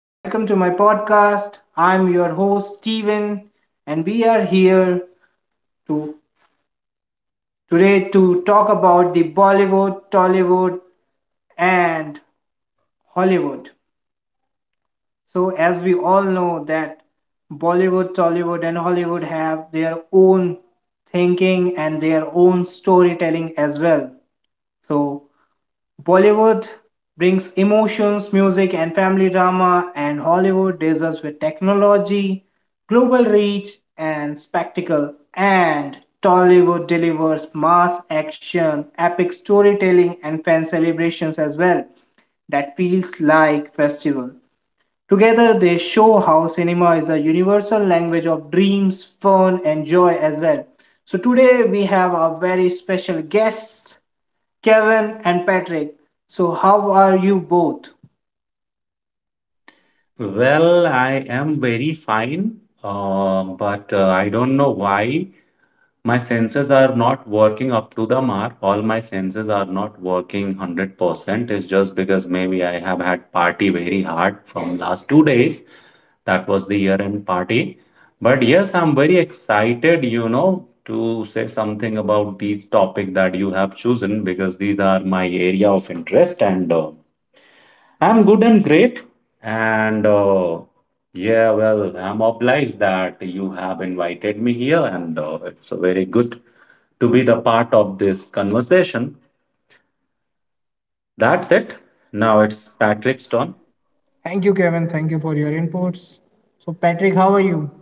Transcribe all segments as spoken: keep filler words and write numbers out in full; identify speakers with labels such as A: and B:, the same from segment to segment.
A: Welcome to my podcast. I'm your host Steven and we are here to today to talk about the Bollywood, Tollywood and Hollywood. So as we all know that Bollywood, Tollywood and Hollywood have their own thinking and their own storytelling as well. So Bollywood brings emotions, music, and family drama, and Hollywood dazzles with technology, global reach, and spectacle. And Tollywood delivers mass action, epic storytelling, and fan celebrations as well that feels like festival. Together they show how cinema is a universal language of dreams, fun and joy as well. So today we have a very special guest, Kevin and Patrick. So, how are you both?
B: Well, I am very fine, uh, but uh, I don't know why my senses are not working up to the mark. All my senses are not working one hundred percent. It's just because maybe I have had party very hard from last two days. That was the year-end party. But yes, I'm very excited, you know, to say something about these topic that you have chosen because these are my area of interest and uh, I'm good and great. And uh, Yeah, well, I'm obliged that you have invited me here, and uh, it's very good to be the part of this conversation. That's it. Now it's Patrick's turn.
A: Thank you, Kevin. Thank you for your inputs. So, Patrick, how are you?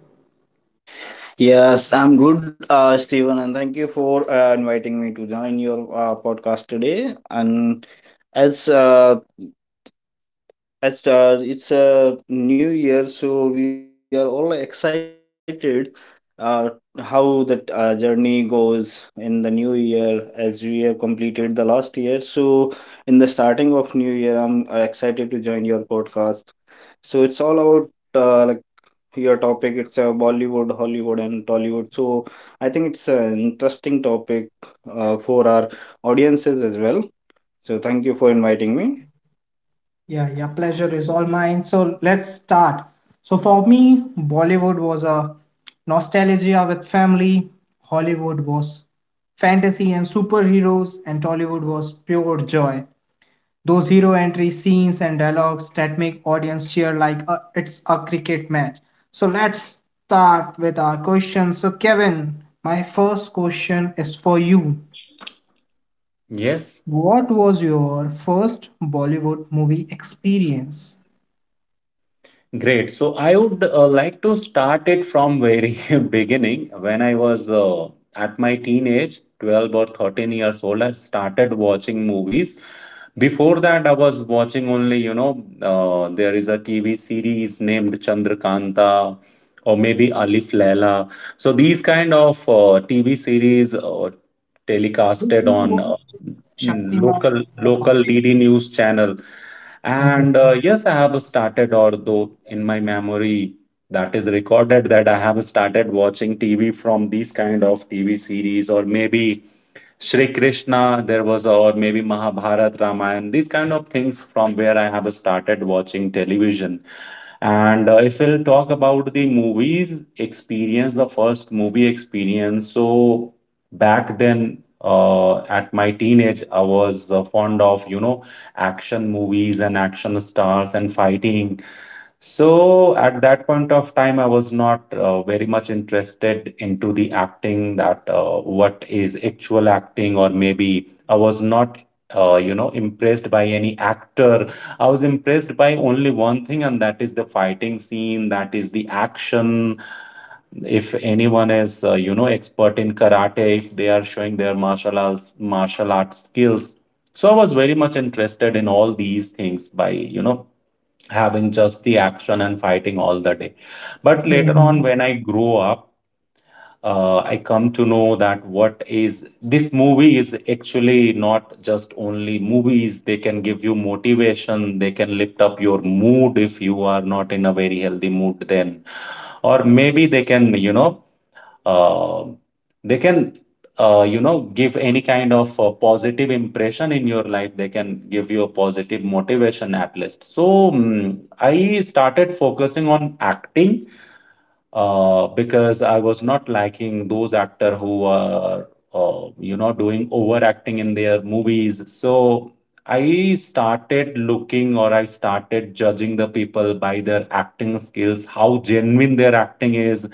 C: Yes, I'm good, uh, Steven, and thank you for uh, inviting me to join your uh, podcast today. And as uh, as uh, it's a new year, so we are all excited, uh, how that uh, journey goes in the new year as we have completed the last year. So in the starting of new year, I'm uh, excited to join your podcast. So it's all about uh, like your topic, it's uh, Bollywood, Hollywood, and Tollywood. So I think it's an interesting topic uh, for our audiences as well. So thank you for inviting me.
A: Yeah, yeah, pleasure is all mine. So, let's start. So, for me, Bollywood was a nostalgia with family, Hollywood was fantasy and superheroes, and Tollywood was pure joy. Those hero entry scenes and dialogues that make audience cheer like a, it's a cricket match. So let's start with our questions. So Kevin, my first question is for you.
B: Yes.
A: What was your first Bollywood movie experience?
B: Great. So I would uh, like to start it from very beginning. When I was uh, at my teenage, twelve or thirteen years old, I started watching movies. Before that, I was watching only, you know, uh, there is a T V series named Chandrakanta or maybe Alif Laila. So these kind of uh, T V series uh,
A: Did
B: telecasted on uh,
A: you Shaktiman
B: local
A: and The
B: local
A: Puppet?
B: D D news channel. And uh,
A: Okay.
B: Yes, I have started, although in my memory that is recorded, that I have started watching T V from these kind of T V series, or maybe Shri Krishna, there was, or maybe Mahabharat, Ramayana, these kind of things from where I have started watching television. And uh, If we'll talk about the movies experience, the first movie experience, so back then uh, at my teenage, I was uh, fond of, you know, action movies and action stars and fighting. So at that point of time, I was not uh, very much interested into the acting that uh, what is actual acting, or maybe I was not, uh, you know, impressed by any actor. I was impressed by only one thing, and that is the fighting scene, that is the action. If anyone is, uh, you know, expert in karate, if they are showing their martial arts, martial arts skills. So I was very much interested in all these things by, you know, having just the action and fighting all the day. But later on, when
A: Mhm.
B: I grow up, uh, I come to know that what is this movie is actually not just only movies. They can give you motivation. They can lift up your mood if you are not in a very healthy mood then. Or maybe they can, you know, um, they can uh, you know, give any kind of uh, positive impression in your life. They can give you a positive motivation at least. So mm, I started focusing on acting, uh, because I was not liking those actor who are uh, you know, doing overacting in their movies. So i started looking or I started judging the people by their acting skills, how genuine their acting is,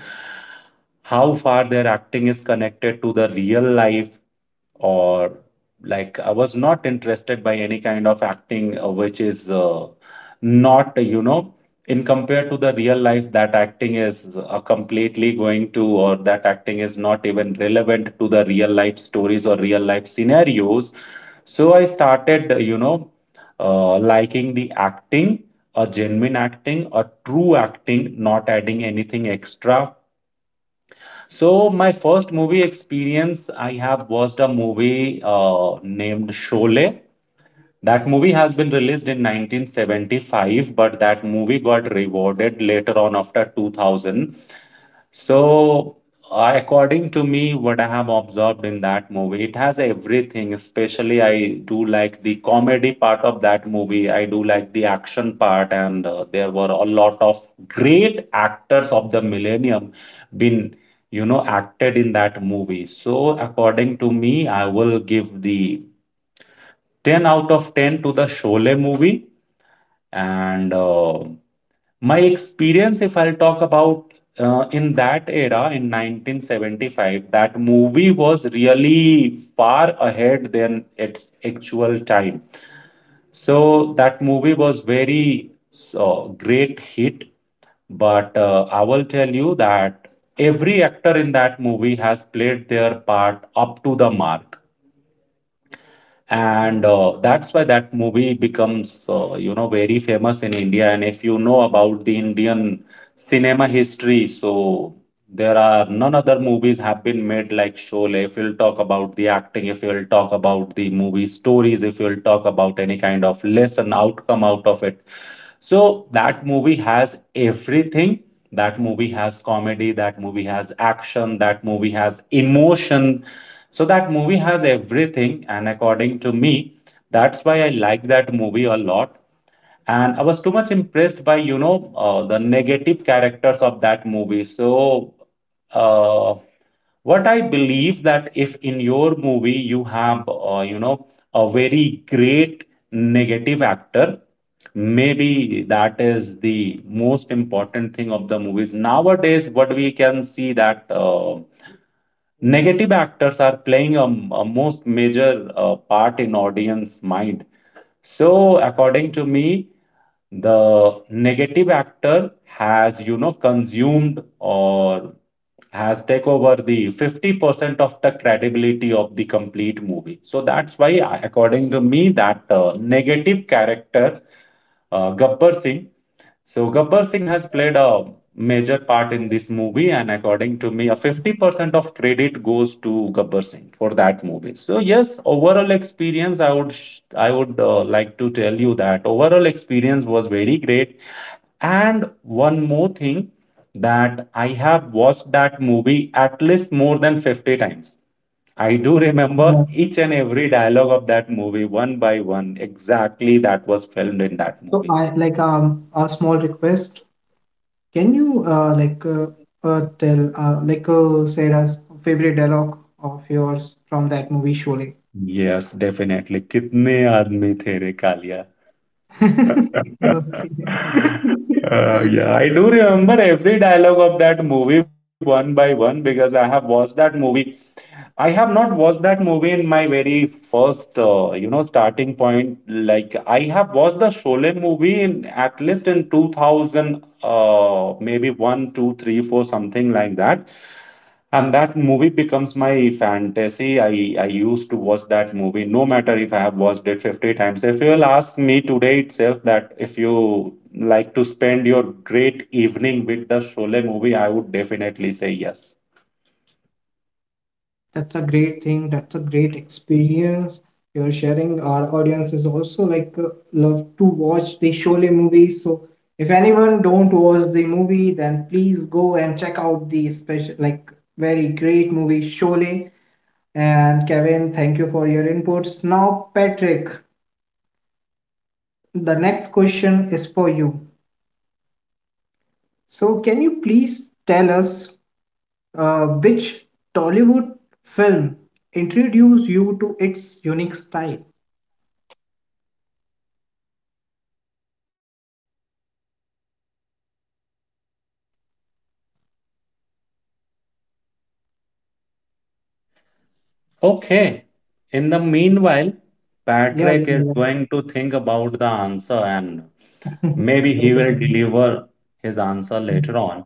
B: how far their acting is connected to the real life. Or like I was not interested by any kind of acting uh, which is uh, not, you know, in compared to the real life, that acting is uh, completely going to or that acting is not even relevant to the real life stories or real life scenarios. So I started, uh, you know uh, liking the acting, a genuine acting, a true acting, not adding anything extra. So my first movie experience, I have watched a movie uh, named Sholay. That movie has been released in nineteen seventy-five, but that movie got rewarded later on after two thousand. So, uh, according to me, what I have observed in that movie, it has everything. Especially, I do like the comedy part of that movie. I do like the action part, and uh, there were a lot of great actors of the millennium been, you know, acted in that movie. So, according to me, I will give the ten out of ten to the Sholay movie, and uh, my experience, if I'll talk about uh, in that era in nineteen seventy-five, that movie was really far ahead than its actual time. So that movie was very uh, great hit, but uh, I will tell you that every actor in that movie has played their part up to the mark and uh, that's why that movie becomes uh, you know, very famous in India. And if you know about the Indian cinema history, so there are none other movies have been made like Sholay, if you'll talk about the acting, if you'll talk about the movie stories, if you'll talk about any kind of lesson outcome out of it. So that movie has everything, that movie has comedy, that movie has action, that movie has emotion. So that movie has everything, and according to me, that's why I like that movie a lot. And I was too much impressed by, you know, uh, the negative characters of that movie. So, uh, what I believe that if in your movie you have, uh, you know, a very great negative actor, maybe that is the most important thing of the movies. Nowadays, what we can see that. Uh, negative actors are playing a, a most major uh, part in audience mind. So according to me, the negative actor has, you know, consumed or has take over the fifty percent of the credibility of the complete movie. So that's why I- according to me, that uh, negative character, uh, gabbar singh so Gabbar Singh has played a major part in this movie, and according to me, a fifty percent of credit goes to Gabbar Singh for that movie. So yes, overall experience, I would sh- I would uh, like to tell you that overall experience was very great. And one more thing, that I have watched that movie at least more than fifty times. I do
A: Oh my
B: remember
A: God.
B: each and every dialogue of that movie one by one, exactly that was filmed in that
A: So
B: movie.
A: I like um a small request. Can you uh, like uh, uh, tell uh, like uh, said us favorite dialogue of yours from that movie Sholay?
B: Yes definitely कितने आदमी थे रे Kaliya
A: Okay.
B: Uh, yeah, I do remember every dialogue of that movie one by one because I have watched that movie. I have not watched that movie in my very first, uh, you know, starting point. Like I have watched the Sholay movie in at least in two thousand, uh, maybe one, two, three, four, something like that. And that movie becomes my fantasy. I I used to watch that movie, no matter if I have watched it fifty times. If you will ask me today itself that if you like to spend your great evening with the Sholay movie, I would definitely say yes.
A: That's a great thing. That's a great experience you're sharing. Our audience is also like uh, love to watch the Sholay movies. So if anyone don't watch the movie, then please go and check out the special like very great movie Sholay. And Kevin, thank you for your inputs. Now, Patrick, the next question is for you. So, can you please tell us uh, which Tollywood film introduced you to its unique style?
B: Okay. In the meanwhile,
A: Yeah,
B: Patrick is
A: yeah,
B: going to think about the answer and
A: yeah.
B: maybe he
A: Okay,
B: will
A: okay.
B: deliver his answer later on.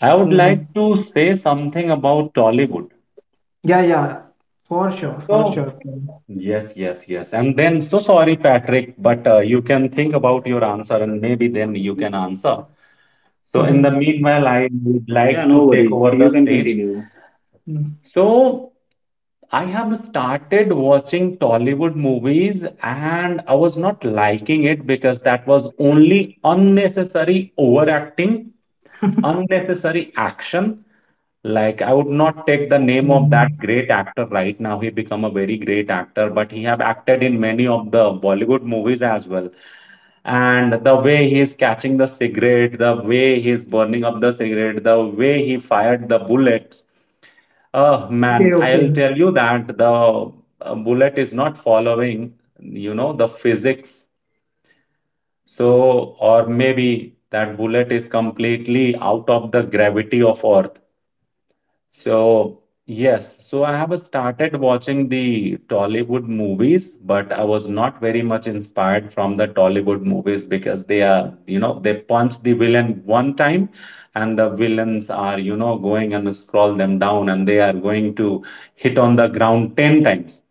B: I would
A: Hmm.
B: like to say something about Tollywood.
A: Yeah, yeah, for sure, for
B: So,
A: sure.
B: yes, yes, yes. And then, so sorry, Patrick, but uh, you can think about your answer and maybe then you can answer. So, in the
A: Mm-hmm.
B: meanwhile, I would
C: Yeah,
B: like to
C: no
B: take
C: worries.
B: over
C: You
B: the
C: can
B: stage.
C: continue.
B: So I have started watching Tollywood movies and I was not liking it because that was only unnecessary overacting, unnecessary action. Like I would not take the name of that
A: Hmm.
B: great actor right now. He become a very great actor, but he have acted in many of the Bollywood movies as well. And the way he is catching the cigarette, the way he is burning up the cigarette, the way he fired the bullets. Oh man,
A: Okay, okay.
B: I'll tell you that the uh, bullet is not following, you know, the physics. So, or maybe that bullet is completely out of the gravity of Earth. So, yes, so I have started watching the Tollywood movies, but I was not very much inspired from the Tollywood movies because they are, you know, they punch the villain one time and the villains are, you know, going and scroll them down and they are going to hit on the ground ten times.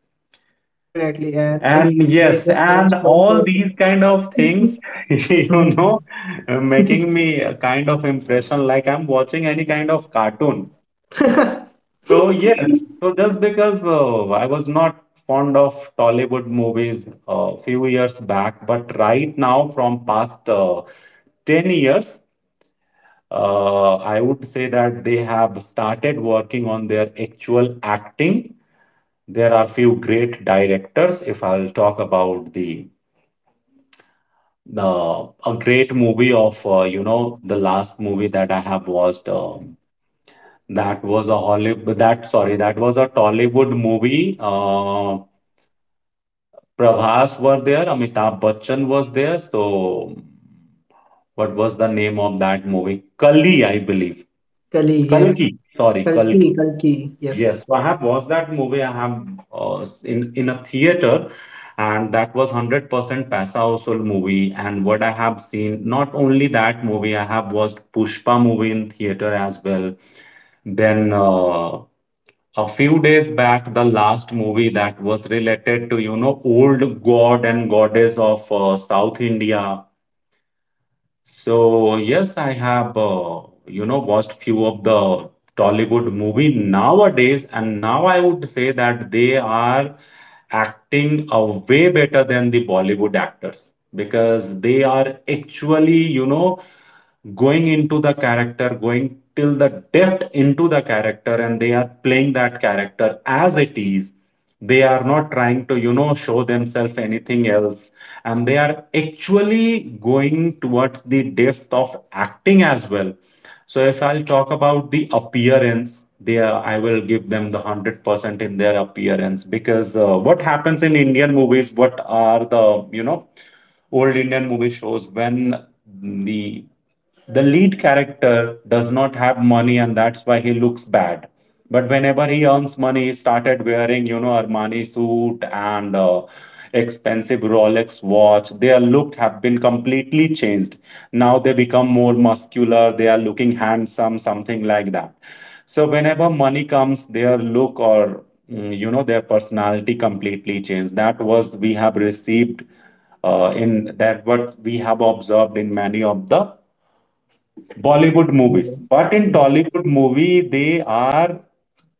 A: Definitely. And if
B: And
A: they
B: yes,
A: just
B: and
A: comes one
B: all these
A: person.
B: kind of things, you
A: Mhm.
B: know, making me a kind of impression like I'm watching any kind of cartoon. So yes, so just because uh, I was not fond of Tollywood movies a uh, few years back, but right now from past uh, ten years, uh, I would say that they have started working on their actual acting. There are few great directors. If I'll talk about the the a great movie of uh, you know, the last movie that I have watched um, that was a Hollywood that sorry, that was a Tollywood movie. Uh, Prabhas were there, Amitabh Bachchan was there. So, what was the name of that movie? Kali, I believe.
A: Kali, yes.
B: Kalki. Sorry,
A: Kalki,
B: Kalki.
A: Kalki, yes.
B: Yes, so I have watched that movie. I have uh, in in a theater, and that was one hundred percent Paisa Vasool movie. And what I have seen, not only that movie, I have watched Pushpa movie in theater as well. Then uh, a few days back, the last movie that was related to you know old god and goddess of uh, south india. So yes i have uh, you know watched few of the tollywood movie nowadays, and now I would say that they are acting uh, way better than the bollywood actors, because they are actually you know going into the character, going till the depth into the character, and they are playing that character as it is. They are not trying to you know show themselves anything else, and they are actually going towards the depth of acting as well. So if I'll talk about the appearance, they are, I will give them the one hundred percent in their appearance, because uh, what happens in indian movies, what are the you know old indian movie shows, when the the lead character does not have money and that's why he looks bad. But whenever he earns money, he started wearing, you know armani suit and uh, expensive rolex watch, their look have been completely changed. Now they become more muscular, they are looking handsome, something like that. So whenever money comes, their look or mm, you know their personality completely changed. That was we have received uh, in that, what we have observed in many of the Bollywood
A: Tollywood
B: movies.
A: movie.
B: But in
A: Yeah.
B: Tollywood movie, they are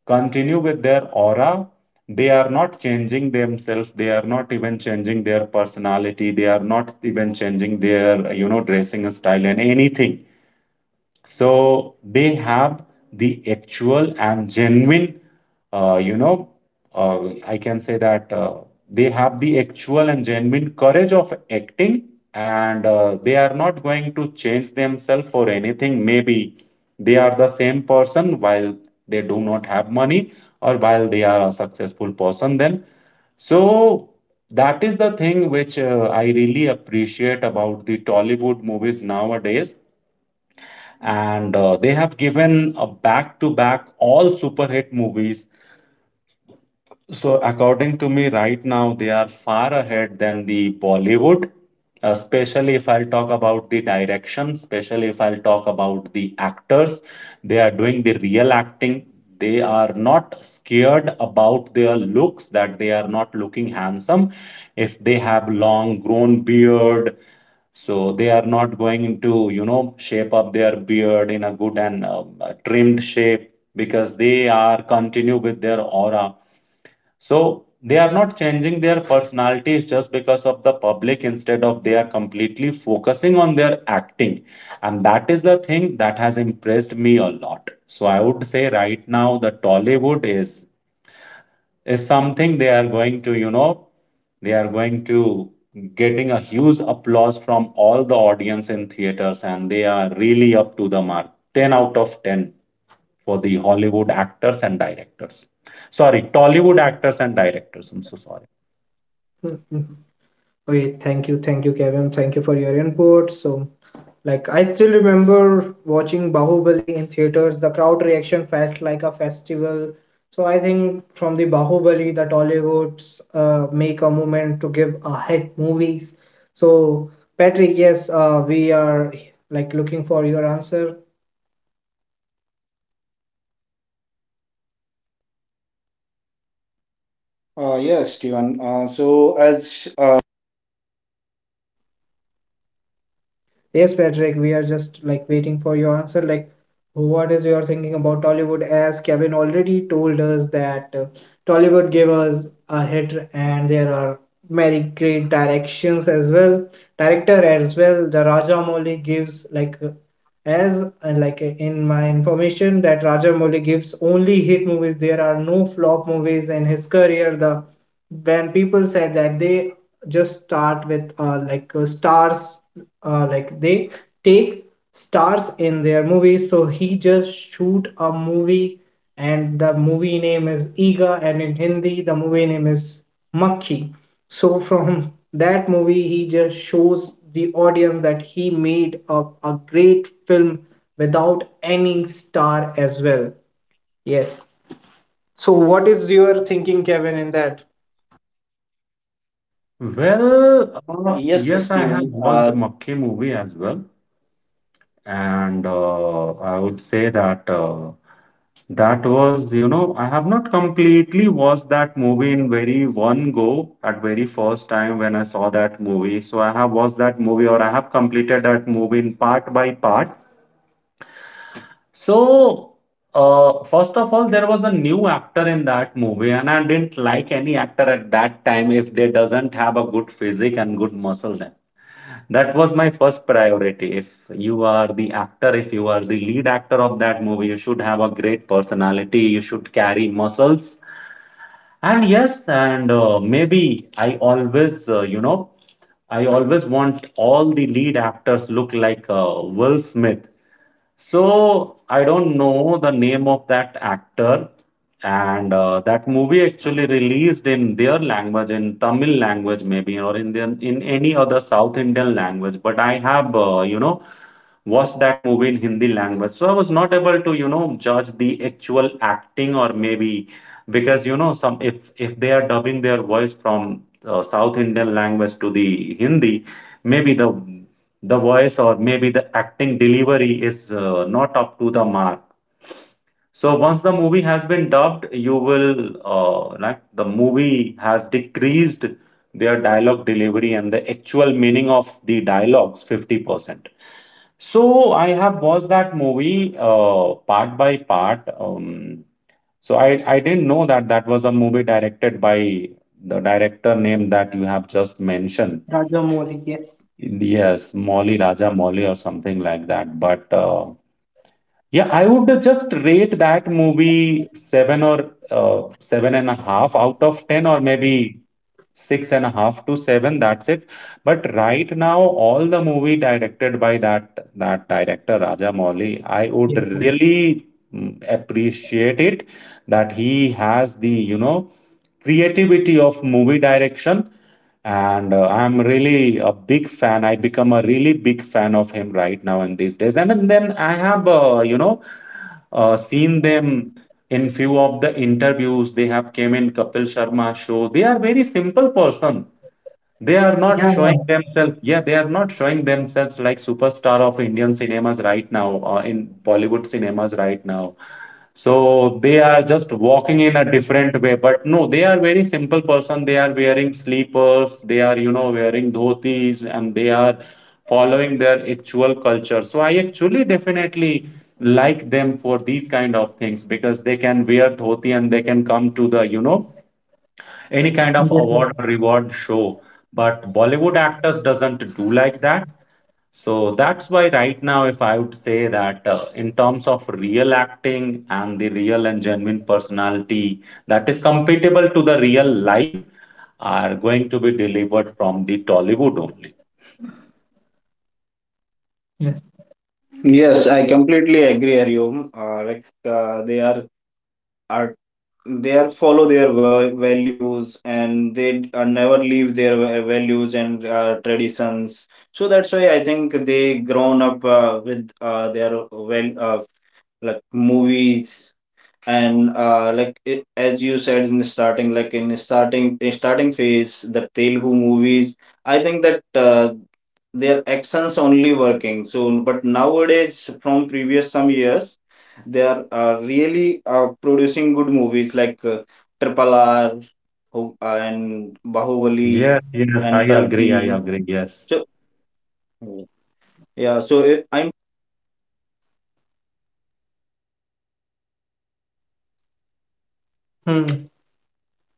B: continue with their aura. They are not changing themselves. They are not even changing their personality. They are not even changing their, you know, dressing style and anything. So they have the actual and genuine uh, you know uh, I can say that uh, they have the actual and genuine courage of acting. And uh, they are not going to change themselves for anything. Maybe they are the same person while they do not have money, or while they are a successful person. Then, so that is the thing which uh, I really appreciate about the tollywood movies nowadays. And uh, they have given a back to back all super hit movies. So, according to me, right now they are far ahead than the Bollywood, uh, especially if I'll talk about the direction, especially if I'll talk about the actors. They are doing the real acting. They are not scared about their looks, that they are not looking handsome. If they have long grown beard, so they are not going to, you know, shape up their beard in a good and um, uh, trimmed shape, because they are continue with their aura. So they are not changing their personalities just because of the public. Instead of, they are completely focusing on their acting, and that is the thing that has impressed me a lot. So I would say right now the Tollywood is is something they are going to, you know, they are going to getting a huge applause from all the audience in theaters, and they are really up to the mark. ten out of ten for the Hollywood actors and directors. Sorry, Tollywood actors and directors. I'm so sorry.
A: Mhm. Okay, thank you, thank you, Kevin. Thank you for your input. So, like, I still remember watching Bahubali in theaters. The crowd reaction felt like a festival. So, I think from the Bahubali, the Hollywoods uh, make a movement to give a hit movies. So, Patrick, yes, uh, we are like looking for your answer.
C: uh, Yes, Steven. uh, so as uh,
A: Yes, Patrick, we are just like waiting for your answer. Like, what is your thinking about Tollywood? As Kevin already told us that uh, Tollywood gave us a hit, and there are many great directions as well, director as well. The Rajamouli gives like uh, as uh, like uh, in my information that Rajamouli gives only hit movies. There are no flop movies in his career. The when people said that they just start with uh, like uh, stars uh, like they take stars in their movies so he just shoot a movie and the movie name is Iga and in Hindi the movie name is Makhi so from that movie he just shows the audience that he made a, a great film without any star as well, yes, so what is your thinking, Kevin, in that?
B: Well, uh,
C: yes
B: yes, I have
C: steven
B: watched the
C: uh,
B: Makki movie as well, and uh, I would say that. Uh, That was, you know, I have not completely watched that movie in very one go at very first time when I saw that movie. So I have watched that movie, or I have completed that movie in part by part. So uh, first of all, there was a new actor in that movie, and I didn't like any actor at that time if they doesn't have a good physique and good muscle. That was my first priority. If you are the actor, if you are the lead actor of that movie, you should have a great personality, you should carry muscles. And yes, and uh, maybe I always, uh, you know, I always want all the lead actors look like uh, Will Smith. So I don't know the name of that actor, and uh, that movie actually released in their language, in Tamil language maybe, or in their, in any other South Indian language. But I have, uh, you know, watched that movie in Hindi language, so I was not able to, you know, judge the actual acting. Or maybe because you know some, if if they are dubbing their voice from uh, South Indian language to the Hindi, maybe the the voice or maybe the acting delivery is uh, not up to the mark. So once the movie has been dubbed, you will uh, like the movie has decreased their dialogue delivery and the actual meaning of the dialogues fifty percent. So I have watched that movie uh, part by part. um, so i i didn't know that that was a movie directed by the director name that you have just mentioned.
A: Rajamouli, yes.
B: Yes, Molly Raja Molly or something like that. But uh, yeah, I would just rate that movie seven, or uh, seven and a half out of ten, or maybe six and a half to seven, that's it. But right now all the movie directed by that that director Raja Mouli, I would
A: Yes, sir.
B: really mm, appreciate it. That he has the you know creativity of movie direction. And uh, I'm really a big fan. I become a really big fan of him right now in these days. And then I have uh, you know uh, seen them in few of the interviews. They have came in Kapil Sharma show. They are very simple person. They are
A: Yeah,
B: not showing
A: yeah.
B: themselves. Yeah, they are not showing themselves like superstar of indian cinemas right now or in bollywood cinemas right now. So they are just walking in a different way. But no, they are very simple person. They are wearing sleepers, they are, you know, wearing dhotis, and they are following their actual culture. So I actually definitely like them for these kind of things, because they can wear dhoti and they can come to the, you know, any kind of
A: Yes, yes.
B: award or reward show. But Bollywood actors doesn't do like that. So that's why right now, if I would say that uh, in terms of real acting and the real and genuine personality that is compatible to the real life, are going to be delivered from the Tollywood only.
A: Yes.
C: yes, I completely agree with you. Uh, like uh, they are are they are follow their va- values, and they uh, never leave their va- values and uh, traditions. So that's why I think they grown up uh, with uh, their well, uh, like movies. And uh, like it, as you said in the starting, like in the starting in starting phase, the Telugu movies, I think that uh, their actions only working. So but nowadays from previous some years, they are uh, really uh, producing good movies, like uh, Triple R, Ho- uh, and Bahubali
B: Yes, yes,
C: and
B: I agree. I
C: Kalki.
B: agree. Yes.
C: So yeah, so it, in fact.
A: Hmm.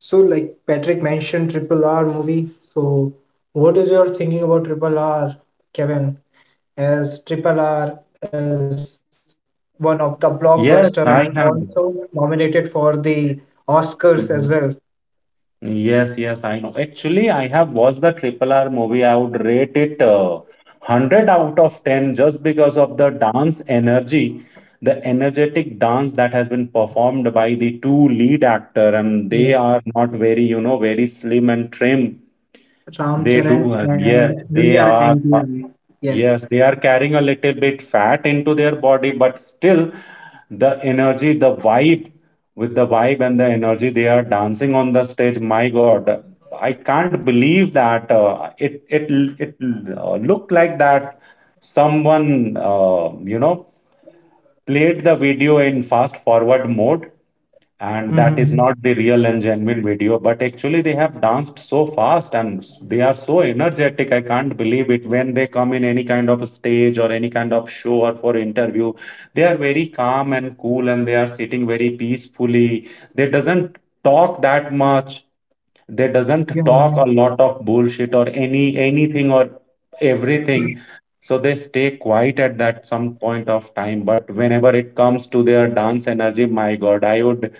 A: So, like Patrick mentioned, Triple R movie. So, what is your thinking about Triple R, Kevin? As Triple R is one of the
B: Yes,
A: blockbuster
B: I
A: and
B: have.
A: also nominated for the Oscars as
B: Mhm.
A: well.
B: Yes, yes, I know. Actually, I have watched the Triple R movie. I would rate it uh, one hundred out of ten, just because of the dance energy, the energetic dance that has been performed by the two lead actor, and
A: Yes.
B: they are not very, you know, very slim and trim.
A: Ram
B: They do,
A: Charan
B: uh, yes,
A: and
B: they
A: Junior
B: are. uh,
A: N T R. Yes.
B: Yes, they are carrying a little bit fat into their body, but still the energy, the vibe, with the vibe and the energy, they are dancing on the stage. My God, I can't believe that uh, it it it uh, looked like that someone uh, you know played the video in fast forward mode, and that is
A: Mm-hmm.
B: not the real and genuine video, but actually they have danced so fast and they are so energetic. I can't believe it. When they come in any kind of a stage or any kind of show or for interview, they are very calm and cool, and they are sitting very peacefully. They doesn't talk that much. They doesn't
A: Yeah,
B: talk
A: yeah.
B: a lot of bullshit or any anything or everything. So they stay quiet at that some point of time. But whenever it comes to their dance energy, my god, i would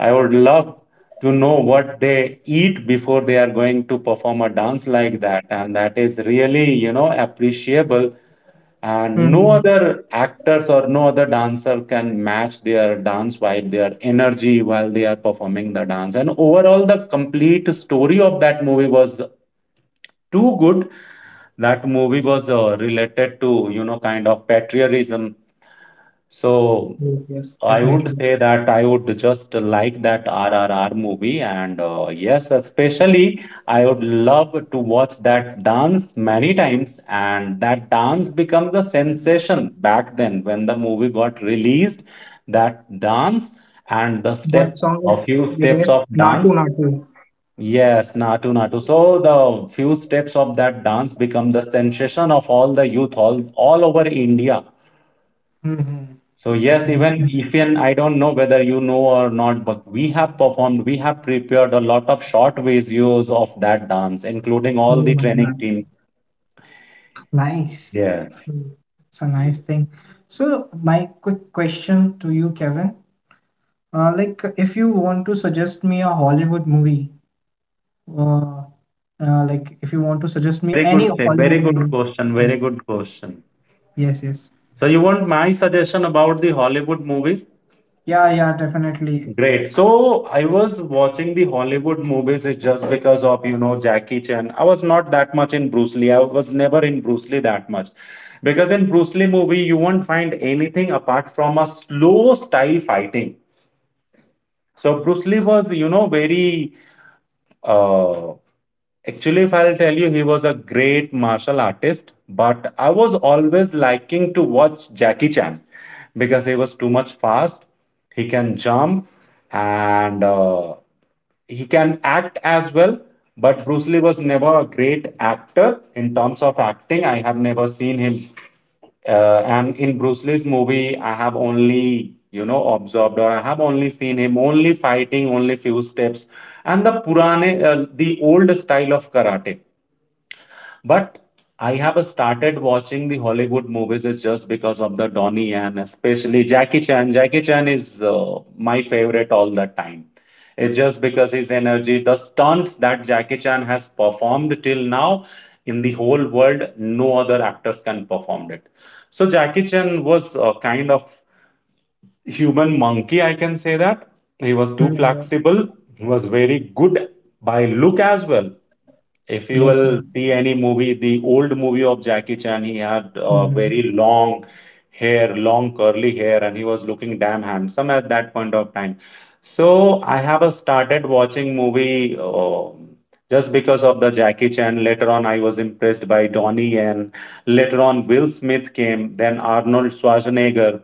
B: I would love to know what they eat before they are going to perform a dance like that. And that is really, you know, appreciable. And no
A: Hmm.
B: other actors or no other dancer can match their dance vibe, their energy while they are performing the dance. And overall, the complete story of that movie was too good. That movie was uh, related to, you know, kind of patriotism. So
A: Yes, yes,
B: I would
A: definitely.
B: say that I would just like that R R R movie, and uh, yes, especially I would love to watch that dance many times. And that dance becomes a sensation back then when the movie got released. That dance and the
A: That
B: step,
A: song
B: a
A: is,
B: few
A: I
B: steps of
A: guess, Natu
B: dance.
A: Natu.
B: Yes, Natu Natu. So the few steps of that dance become the sensation of all the youth, all, all over India.
A: Mm-hmm.
B: So yes,
A: Definitely.
B: even if, and I don't know whether you know or not, but we have performed, we have prepared a lot of short videos of that dance, including
A: Oh
B: all the
A: my
B: training
A: god.
B: team.
A: Nice.
B: Yes.
A: So it's a nice thing. So my quick question to you, Kevin. Uh, like if you want to suggest me a Hollywood movie, uh, uh, like if you want to
B: Oh,
A: suggest me
B: very
A: any
B: good, say, very
A: Hollywood
B: good
A: movie.
B: question, very good question.
A: Yes, yes.
B: So you want my suggestion about the Hollywood movies?
A: Yeah, yeah, definitely.
B: Great. So I was watching the Hollywood movies is just because of, you know, Jackie Chan. I was not that much in Bruce Lee. I was never in Bruce Lee that much. Because in Bruce Lee movie, you won't find anything apart from a slow style fighting. So Bruce Lee was, you know, very uh, actually, if I'll tell you, he was a great martial artist, but I was always liking to watch Jackie Chan, because he was too much fast. He can jump, and uh, he can act as well. But Bruce Lee was never a great actor in terms of acting. I have never seen him uh, and in Bruce Lee's movie, I have only, you know, observed or I have only seen him only fighting only few steps and the purane uh, the old style of karate but I have started watching the Hollywood movies is just because of the Donnie Yen, especially Jackie Chan. Jackie chan is uh, my favorite all the time. It's just because his energy, the stunts that Jackie Chan has performed till now, in the whole world no other actors can perform it. So Jackie Chan was uh, kind of human monkey, I can say that. He was too
A: Mhm.
B: flexible. He was very good by look as well. If you
A: Yes,
B: will
A: yes.
B: see any movie, the old movie of Jackie Chan, he had uh, very
A: Mm-hmm.
B: long hair, long curly hair, and he was looking damn handsome at that point of time. So I have uh, started watching movie um just because of the Jackie Chan. Later on, I was impressed by Donnie, and later on, Will Smith came, then Arnold Schwarzenegger.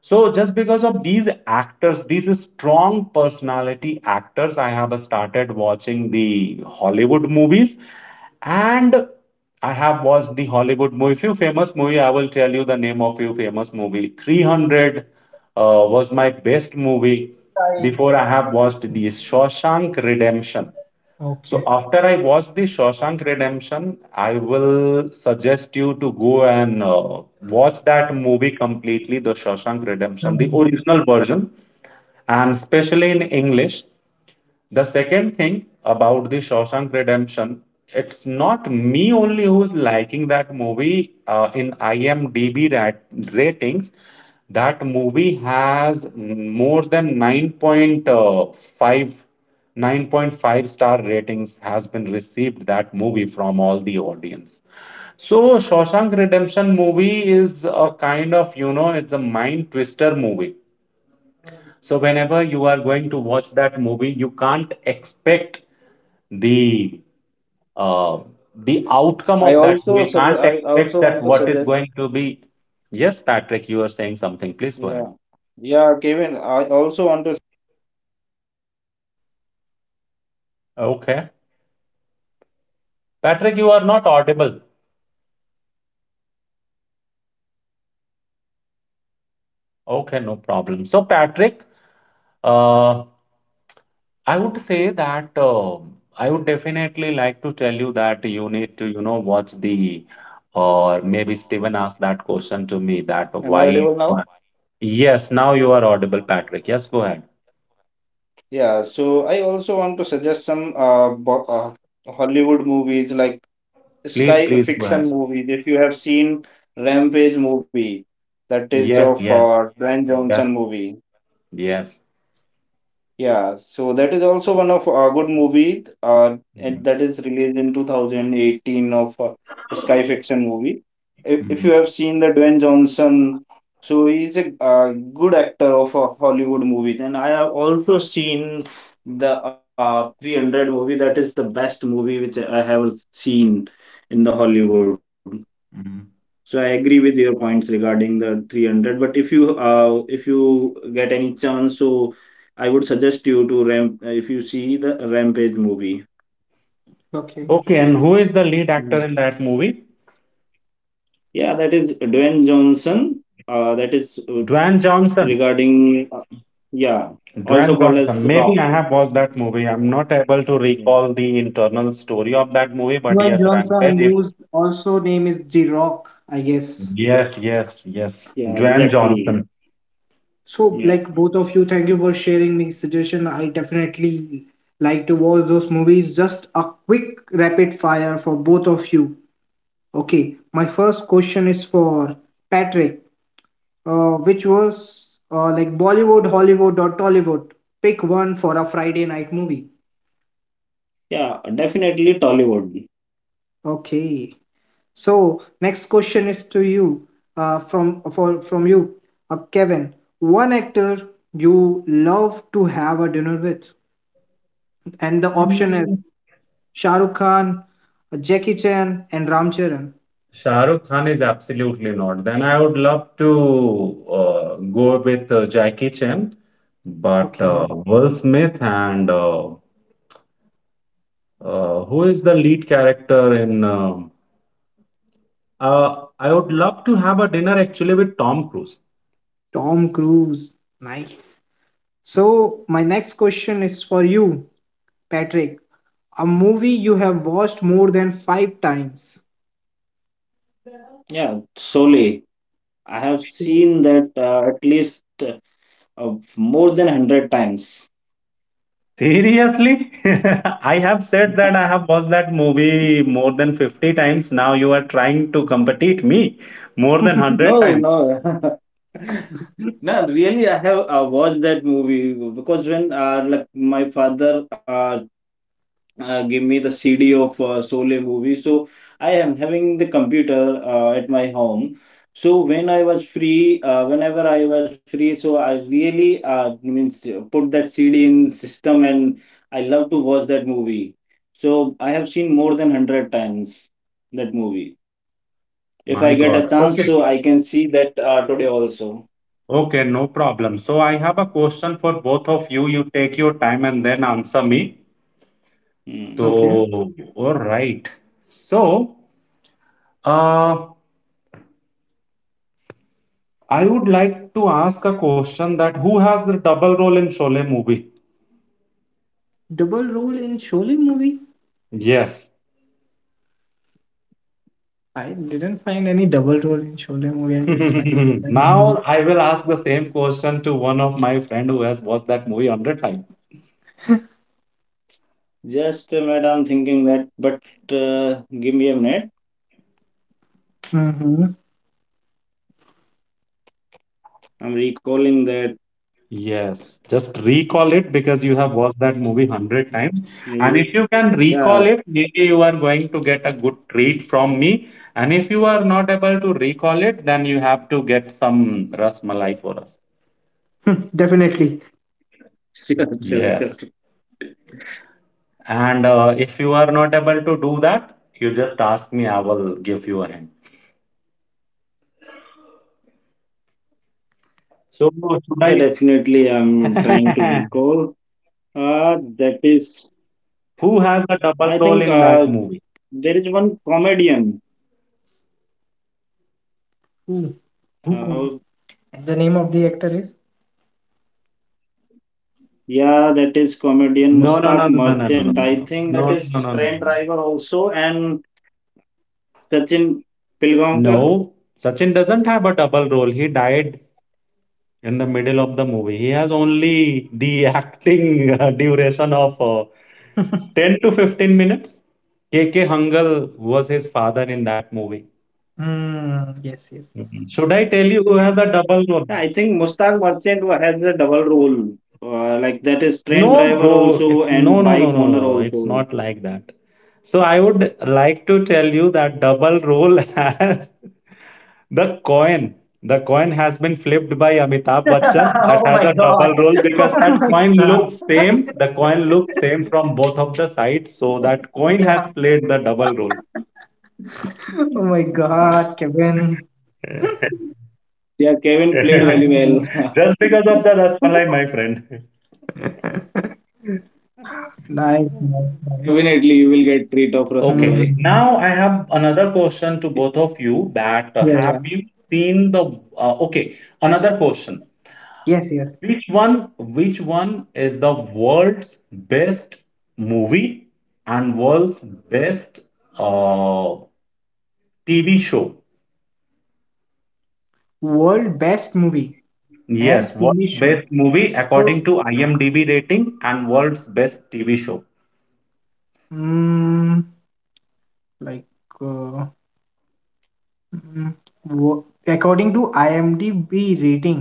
B: So just because of these actors, these strong personality actors, I have started watching the Hollywood movies, and I have watched the Hollywood movie. Few famous movie, I will tell you the name of few famous movie. three hundred uh, was my best movie.
A: I
B: Before I
A: watch.
B: have watched the Shawshank Redemption. So
A: Okay.
B: after I watch the Shawshank Redemption, I will suggest you to go and uh, watch that movie completely, the Shawshank Redemption, the
A: Mhm.
B: original version, and especially in English. The second thing about the Shawshank Redemption, it's not me only who's liking that movie uh, in IMDb rat- ratings. That movie has more than nine point uh, five, nine point five star ratings has been received that movie from all the audience. So Shawshank Redemption movie is a kind of, you know, it's a mind twister movie so whenever you are going to watch that movie, you can't expect the uh, the outcome
C: I
B: of that
C: also
B: movie.
C: suggest,
B: Can't
C: I
B: expect
C: also
B: that
C: want to
B: what is
C: suggest.
B: going to be. Yes, Patrick, you are saying something. Please go ahead.
C: Yeah. Yeah, Kevin, I also want to suggest.
B: Okay, Patrick, you are not audible. Okay, no problem. So Patrick, uh, I would say that uh, I would definitely like to tell you that you need to, you know, watch the, or maybe Steven asked that question to me that
C: Am
B: why
C: I
B: you.
C: audible now?
B: Yes, now you are audible, Patrick. Yes, go ahead.
C: Yeah, so I also want to suggest some uh, bo- uh Hollywood movies, like
B: Please,
C: Sky uh,
B: please go
C: Fiction
B: ahead.
C: movies. If you have seen Rampage movie, that is
B: Yes,
C: of
B: yes,
C: uh, Dwayne Johnson
B: yes,
C: movie.
B: yes.
C: Yeah, so that is also one of a good movie, uh, and that is released in two thousand eighteen, of uh, Sky Fiction movie. If, if
B: Mm-hmm.
C: you have seen the Dwayne Johnson, so he's a uh, good actor of uh, Hollywood movies. And I have also seen the uh, three hundred movie. That is the best movie which I have seen in the Hollywood.
B: Hmm.
C: So I agree with your points regarding the three hundred, but if you uh, if you get any chance, so I would suggest you to ramp uh, if you see the Rampage movie.
A: Okay.
B: Okay, and who is the lead
C: Mhm.
B: actor in that movie?
C: Yeah, that is Dwayne Johnson. Uh, that is uh,
B: Dwayne Johnson.
C: regarding uh, yeah, also called
B: Dwayne
C: as Rock.
B: Johnson. Maybe I have watched that movie. I'm not able to
C: Mhm.
B: recall the internal story of that movie, but
A: Dwayne
B: yes,
A: Johnson,
B: Rampage. If
A: whose also name is G Rock, I guess.
B: yes, yes, yes.
C: Yeah,
B: Dwayne
C: exactly.
B: Johnson.
A: So,
C: Yeah,
A: like both of you, thank you for sharing me suggestion. I definitely like to watch those movies. Just a quick rapid fire for both of you. Okay, my first question is for Patrick, uh, which was uh, like Bollywood, Hollywood, or Tollywood. Pick one for a Friday night movie.
C: yeah, definitely Tollywood.
A: Okay. So next question is to you, uh, from for, from you, uh, Kevin. One actor you love to have a dinner with, and the option is Shah Rukh Khan, Jackie Chan, and Ram Charan.
B: Shahrukh Khan is absolutely not. Then I would love to uh, go with uh, Jackie Chan, but uh,
A: Okay,
B: Will Smith and uh, uh, who is the lead character in? um uh, I would love to have a dinner actually with Tom Cruise.
A: Tom Cruise. Nice. So my next question is for you, Patrick. A movie you have watched more than five times.
C: Yeah, Sole. I have
A: Sure.
C: seen that, uh, at least, uh, more than hundred times.
B: Seriously? I have said that I have watched that movie more than fifty times. Now you are trying to compete me more than one hundred
C: No,
B: times.
C: no. No, really, I have uh, watched that movie because when uh, like my father uh, uh, gave me the C D of uh, Sole movie, so I am having the computer uh, at my home. So when I was free, uh, whenever I was free, so I really uh, means uh, put that C D in system, and I love to watch that movie. So I have seen more than hundred times that movie. If I
B: My
C: get a
B: God.
C: chance, so
B: Okay.
C: I can see that uh, today also.
B: Okay, no problem. So I have a question for both of you. You take your time and then answer me.
C: Mm.
A: Okay.
B: So, all right. So, uh, I would like to ask a question that who has the double role in Sholay movie?
A: Double role in Sholin movie.
B: Yes.
A: I didn't find any double role in Sholay movie, I guess. Like,
B: Now I will ask the same question to one of my friend who has watched that movie one hundred times.
C: Just, uh, madam, thinking that, but uh, give me a minute.
A: mm-hmm.
C: I'm recalling that.
B: Yes, just recall it because you have watched that
C: Mm,
B: movie
C: mm.
B: hundred times. And
C: Yeah,
B: if you can recall it, maybe you are going to get a good
C: mm.
B: treat from me. And if you are not able to recall it, then you have to get some Ras Malai for us.
A: Definitely.
C: Sure, sure, sure.
B: Yes. And uh, if you are not able to do that, you just ask me, I will give you a hint. So,
C: Yeah,
B: should
C: definitely. I'm trying to
B: I?
C: recall. Uh, that is,
B: Who has a double
C: I
B: role
C: think
B: in
C: uh,
B: that movie?
C: there is one comedian.
A: Who? Who?
C: Uh,
A: Come? And the name of the actor is?
C: yeah, that is comedian
B: No, no,
C: Mustaq
B: no, no, no, no, no, no, no, no,
C: Merchant. I think that
B: no, no, no,
C: is
B: no, no.
C: train driver also, and Sachin Pilgaonkar.
B: No, Sachin doesn't have a double role. He died in the middle of the movie. He has only the acting uh, duration of uh, ten to fifteen minutes. K K Hungal was his father in that movie.
A: Mm, yes, yes.
B: Mhm. Should I tell you who has a double role?
C: Yeah, I think Mustaq Merchant wa- has a double role. Uh, like that is train
B: No,
C: driver
B: bro. It's,
C: also,
B: no,
C: and
B: no, no,
C: bike
B: no, no,
C: owner
B: no. It's
C: also.
B: not like that. So I would like to tell you that double role has. The coin, the coin has been flipped by Amitabh Bachchan. That
A: Oh
B: has
A: my
B: a
A: god.
B: double role because
A: Oh
B: that
A: my
B: coin
A: god.
B: looks same. The coin looks same from both of the sides, so that coin has
A: Yeah.
B: played the double role.
A: Oh my God, Kevin.
C: Yeah, Kevin played very
A: Nice,
B: Just
C: well.
B: because of the Rasmalai, my friend.
A: nice, nice.
C: Definitely, you will get treat of
B: Okay,
A: Mm-hmm.
C: Rasmalai.
B: now I have another question to both of you. That uh,
A: Yeah, yeah.
B: have you seen the? Uh, okay, another question.
A: Yes, yes.
B: Which one? Which one is the world's best movie and world's best uh, T V show?
A: World best movie
B: Yes,
A: and T V
B: world's best
A: show.
B: movie
A: So,
B: according to IMDb rating and world's best T V show.
A: mm, like, uh, Mm, wo- according to IMDb rating,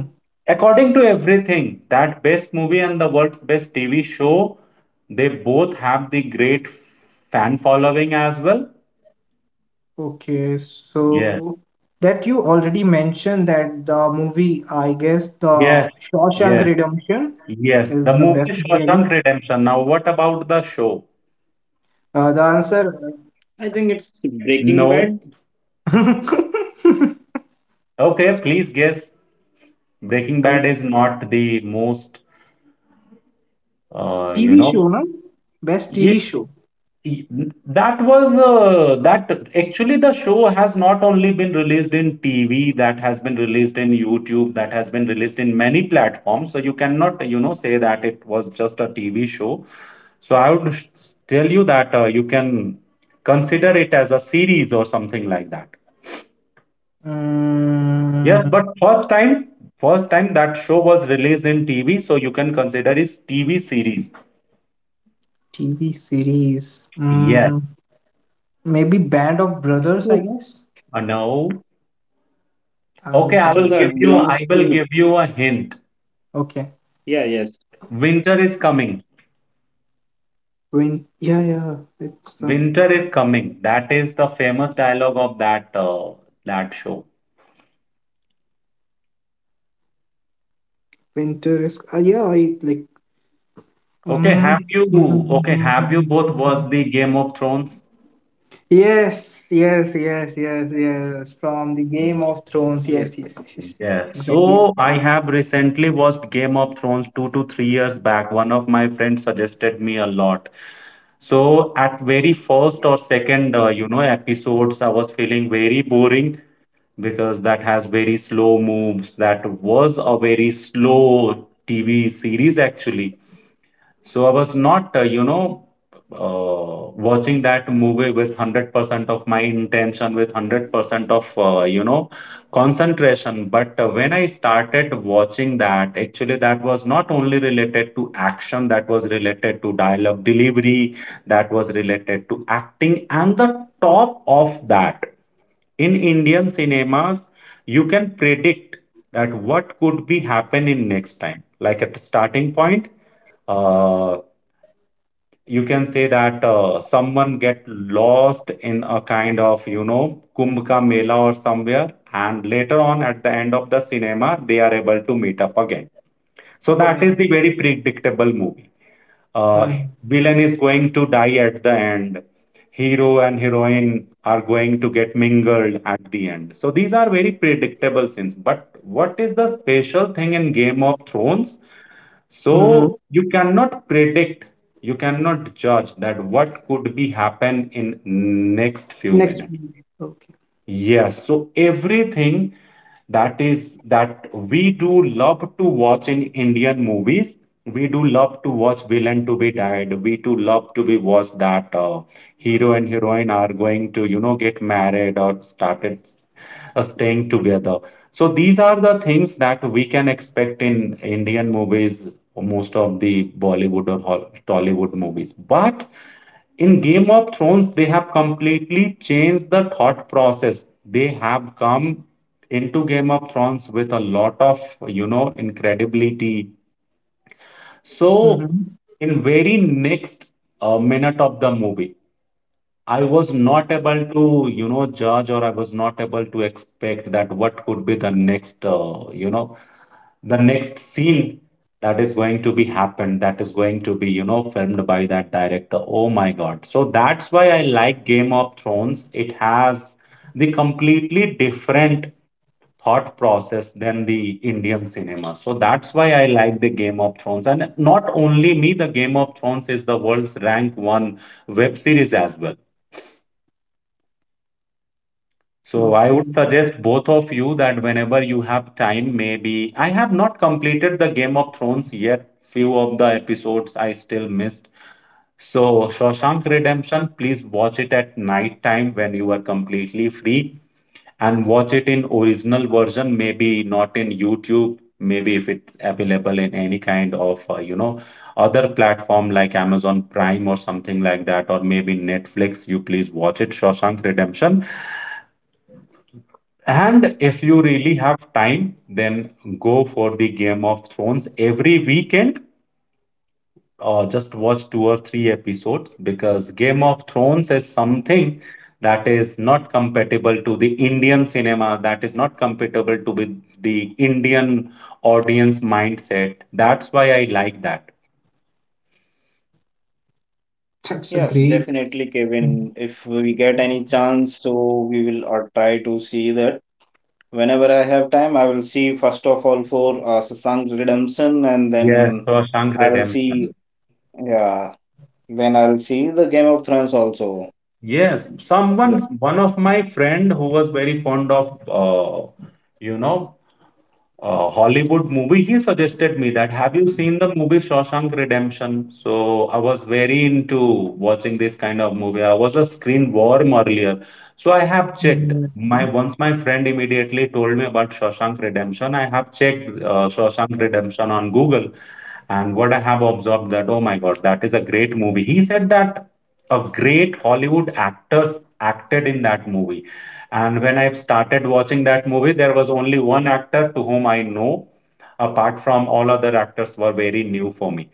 B: According to everything, that best movie and the world's best T V show, they both have the great fan following as well.
A: okay,
B: Yes,
A: so that you already mentioned that the movie, I guess, the
B: yes,
A: Shawshank
B: yes,
A: Redemption
B: yes.
A: is
B: The
A: the
B: movie
A: best movie, I guess.
B: Shawshank Redemption. Now, what about the show?
A: Uh, the answer,
C: I think it's Breaking
B: No.
C: Bad.
B: Okay, please guess. Breaking Bad
A: best
B: is not the most, uh, you
A: T V show,
B: know,
A: no? Best
B: yeah,
A: T V show.
B: that was uh, that actually the show has not only been released in T V, that has been released in YouTube, that has been released in many platforms. So you cannot, you know, say that it was just a T V show. So I would s- tell you that uh, you can consider it as a series or something like that. Yes,
A: Mm,
B: but first time, first time that show was released in T V, so you can consider it's T V series.
A: T V series.
B: Yes.
A: Mm, maybe Band of Brothers, I guess.
C: So,
B: Uh, no. Okay,
A: I'll,
B: I will give you,
C: so
B: I
C: that
B: will give you
C: belongs
B: a
C: to.
B: hint.
A: okay.
C: Yeah. Yes.
B: Winter is coming.
A: When, yeah, yeah, it's. Uh,
B: Winter is coming. That is the famous dialogue of that uh, that show.
A: Winter is uh, yeah, I like
B: Okay,
A: mm.
B: have you, okay, have you both watched the Game of Thrones?
A: Yes, yes, yes, yes, yes. From the Game
C: Yes.
A: of Thrones. Yes, yes, yes, yes.
B: Yes.
A: Exactly.
B: So I have recently watched Game of Thrones two to three years back. One of my friends suggested me a lot. So at very first or second, uh, you know, episodes, I was feeling very boring because that has very slow moves. That was a very slow T V series actually. So I was not, uh, you know, uh, watching that movie with one hundred percent of my intention, with one hundred percent of, uh, you know, concentration. But uh, when I started watching that, actually, that was not only related to action, that was related to dialogue delivery, that was related to acting. And the top of that, in Indian cinemas, you can predict that what could be happen in next time. Like at the starting point, uh, you can say that uh, someone get lost in a kind of, you know, Kumbh Ka Mela or somewhere and later on at the end of the cinema they are able to meet up again, so
A: Oh my
B: that
A: God.
B: is the very predictable movie. uh,
A: Mm.
B: Villain is going to die at the end, hero and heroine are going to get mingled at the end, so these are very predictable scenes. But what is the special thing in Game of Thrones?
A: Mm-hmm.
B: So you cannot predict, you cannot judge that what could be happen in next few
A: Next.
B: minutes.
A: one. Okay.
B: Yes, so everything that is that we do love to watch in Indian movies. We do love to watch villain to be died. We do love to be watch that uh, hero and heroine are going to, you know, get married or started uh, staying together. So these are the things that we can expect in Indian movies, or most of the Bollywood or Hol- Tollywood movies. But in Game of Thrones they have completely changed the thought process. They have come into Game of Thrones with a lot of, you know, incredibility. So
A: Mm-hmm.
B: in very next uh, minute of the movie, I was not able to, you know, judge or I was not able to expect that what could be the next, uh, you know, the next scene that is going to be happened, that is going to be, you know, filmed by that director. Oh my god. So that's why I like Game of Thrones. It has the completely different thought process than the Indian cinema, so that's why I like the Game of Thrones. And not only me, the Game of Thrones is the world's rank one web series as well. So I
A: Okay.
B: would suggest both of you that whenever you have time, maybe I have not completed the Game of Thrones yet. Few of the episodes I still missed. So Shawshank Redemption, please watch it at night time when you are completely free and watch it in original version, maybe not in YouTube, maybe if it's available in any kind of uh, you know other platform like Amazon Prime or something like that, or maybe Netflix, you please watch it, Shawshank Redemption. And if you really have time, then go for the Game of Thrones every weekend. Uh, just watch two or three episodes because Game of Thrones is something that is not compatible to the Indian cinema, that is not compatible to with the Indian audience mindset. That's why I like that.
A: That's a
C: Yes,
A: great.
C: definitely,
A: Mhm.
C: Kevin. If we get any chance, so we will uh, try to see that. Whenever I have time, I will see first of all for uh, Shashank Redemption, and
B: Yes,
C: then
B: Shawshank
C: I'll see,
B: Redemption.
C: yeah, then I'll see the Game of Thrones also.
B: Yes, someone,
C: Yeah.
B: one of my friend who was very fond of, uh, you know, uh, Hollywood movie, he suggested me that, have you seen the movie Shawshank Redemption? So I was very into watching this kind of movie. I was a screen worm earlier. So I have checked. My once my friend immediately told me about Shawshank Redemption, I have checked uh, Shawshank Redemption on Google. And what I have observed that, oh my God, that is a great movie. He said that a great Hollywood actors acted in that movie, and when I started watching that movie, there was only one actor to whom I know, apart from all other actors were very new for me.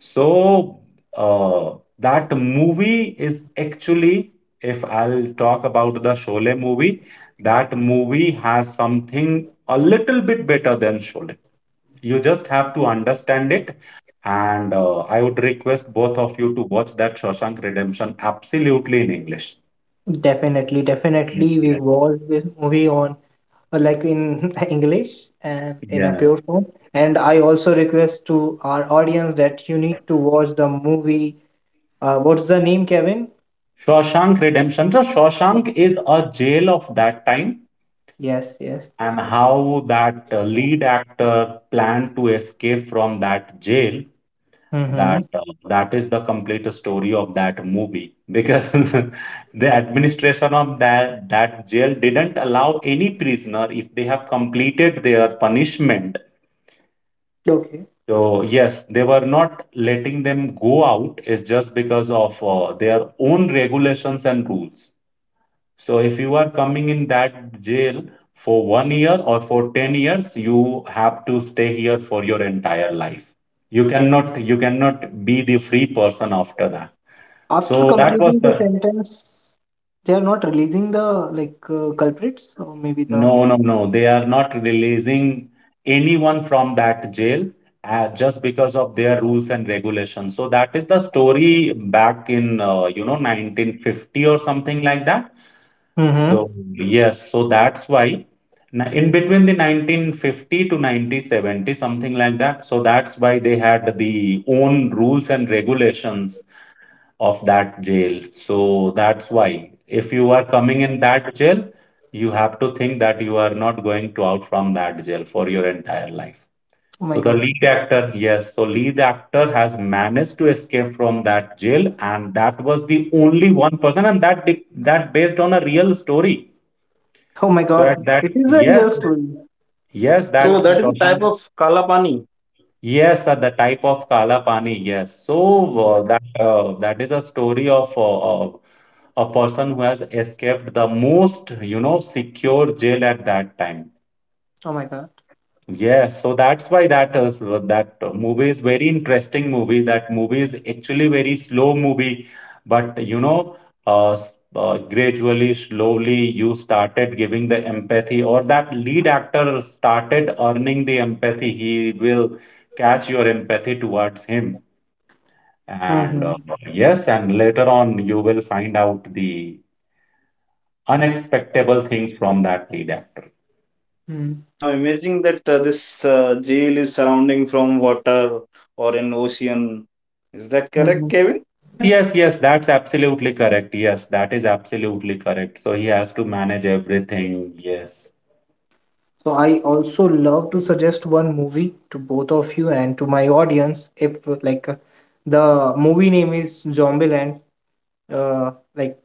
B: So uh, that movie is actually, if I'll talk about the Sholay movie, that movie has something a little bit better than Sholay. You just have to understand it. And uh, I would request both of you to watch that Shawshank Redemption absolutely in English.
A: Definitely, definitely. We
B: Yes,
A: watch this movie on uh, like in English and in a
B: yes.
A: pure form. And I also request to our audience that you need to watch the movie. Uh, what's the name, Kevin?
B: Shawshank Redemption. So Shawshank is a jail of that time,
A: Yes, yes.
B: and how that uh, lead actor planned to escape from that jail.
A: Mm-hmm.
B: That uh, that is the complete story of that movie because the administration of that that jail didn't allow any prisoner if they have completed their punishment.
A: Okay.
B: So yes, they were not letting them go out. It's just because of uh, their own regulations and rules. So if you are coming in that jail for one year or for ten years, you have to stay here for your entire life. You cannot you cannot be the free person after that.
A: After
B: So that was
A: completing the
B: the
A: sentence, they are not releasing the like uh, culprits or maybe the.
B: no no no. They are not releasing anyone from that jail uh, just because of their rules and regulations. So that is the story back in uh, you know nineteen fifty or something like that.
A: Mm-hmm.
B: So yes, so that's why n- in between the nineteen fifty to nineteen seventy, something like that. So that's why they had the own rules and regulations of that jail. So that's why if you are coming in that jail, you have to think that you are not going to out from that jail for your entire life.
A: Oh
B: So
A: my
B: the
A: god.
B: lead actor, yes, so lead actor has managed to escape from that jail, and that was the only one person, and that di- that based on a real story,
A: Oh my
B: so at
A: god.
B: that,
A: It is a
B: yes,
A: real story.
B: yes,
C: So that
B: that
C: is
A: Okay.
C: the type
B: Shoshank,
C: of Kalapani.
B: yes, at the type of Kala Pani, yes. So
C: Yeah.
B: uh, that uh, that is a story of uh, uh, a person who has escaped the most, you know, secure jail at that time.
A: Oh my god.
B: Yeah, so that's why that is that movie is very interesting movie. That movie is actually very slow movie, but you know, uh, s- uh, gradually, slowly, you started giving the empathy, or that lead actor started earning the empathy. He will catch your empathy towards him, and
A: Mm-hmm.
B: uh, yes, and later on, you will find out the unexpectable things from that lead actor.
A: Hmm.
C: So I'm imagining that uh, this uh, jail is surrounding from water or an ocean. Is that correct,
A: Mm-hmm.
C: Kevin?
B: Yes, yes, yes, that's absolutely correct. Yes, that is absolutely correct. So he has to manage everything. Yes.
A: So I also love to suggest one movie to both of you and to my audience. If like uh, the movie name is Zombieland, uh, like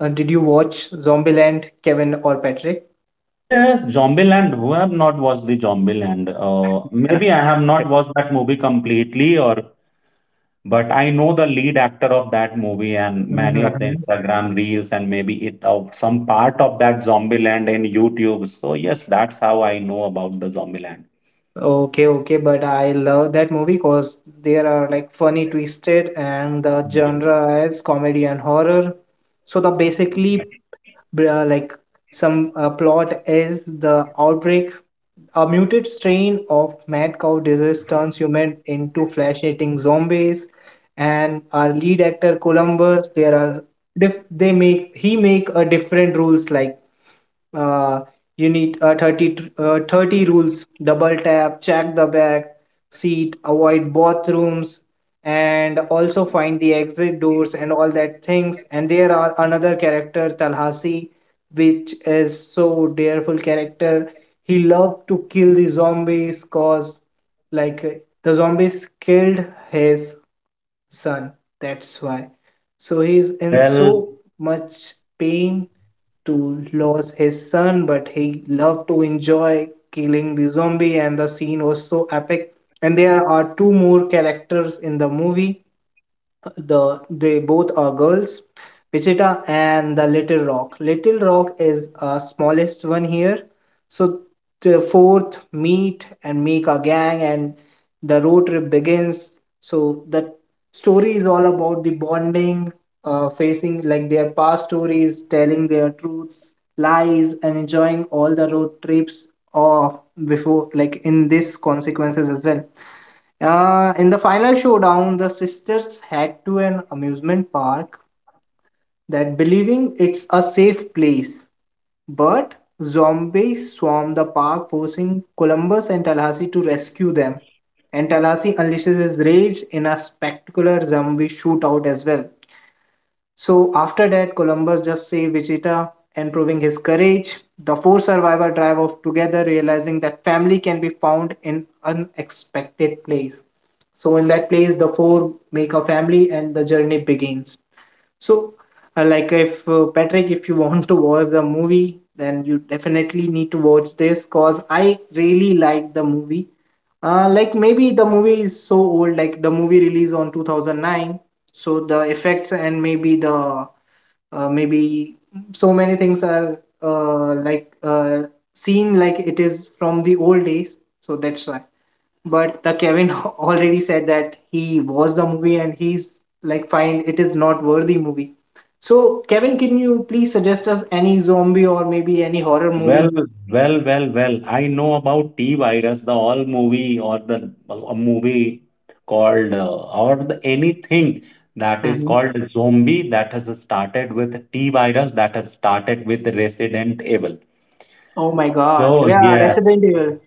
A: uh, did you watch Zombieland, Kevin or Patrick?
B: Yes, Zombieland. Who have not watched the Zombieland? Uh, maybe I have not watched that movie completely, or but I know the lead actor of that movie and many of the
A: Mhm.
B: Instagram reels and maybe it of some part of that Zombieland in YouTube. So yes, that's how I know about the Zombieland.
A: Okay, okay, but I love that movie because there are like funny twisted and the
B: Mhm.
A: genre is comedy and horror. So the basically br- uh, like some uh, plot is the outbreak, a muted strain of mad cow disease turns human into flesh-eating zombies, and our lead actor Columbus, there are diff they make he make a different rules like uh, you need uh, thirty, tr- uh, thirty rules, double tap, check the back seat, avoid bathrooms and also find the exit doors and all that things. And there are another character Talhasi, which is so dearful character. He loved to kill the zombies cause like uh, the zombies killed his son. That's why. So he's in
B: Well,
A: so much pain to lose his son, but he loved to enjoy killing the zombie, and the scene was so epic. And there are two more characters in the movie, the they both are girls, Wichita and the Little Rock. Little Rock is uh, smallest one here. So the fourth meet and make a gang and the road trip begins. So the story is all about the bonding, uh, facing like their past stories, telling their truths, lies and enjoying all the road trips, or before like in this consequences as well. Uh, in the final showdown, the sisters head to an amusement park, that believing it's a safe place. But zombies swarm the park, forcing Columbus and Tallahassee to rescue them. And Tallahassee unleashes his rage in a spectacular zombie shootout as well. So after that, Columbus just saved Wichita and proving his courage. The four survivors drive off together, realizing that family can be found in unexpected place. So in that place, the four make a family and the journey begins. So, uh, like if uh, Patrick, if you want to watch the movie, then you definitely need to watch this because I really like the movie. Uh, like maybe the movie is so old, like the movie released on two thousand nine, so the effects and maybe the uh, maybe so many things are uh, like uh, seen like it is from the old days, so that's why, but the Kevin already said that he watched the movie and he's like fine it is not worthy movie. So Kevin, can you please suggest us any zombie or maybe any horror
B: Well,
A: movie?
B: well, well, well. I know about T-Virus, the all movie or the a movie called uh, or the anything that is
A: Hmm.
B: called zombie that has started with T-Virus that has started with Resident Evil.
A: Oh my God!
B: So
A: Yeah,
B: yeah,
A: Resident Evil.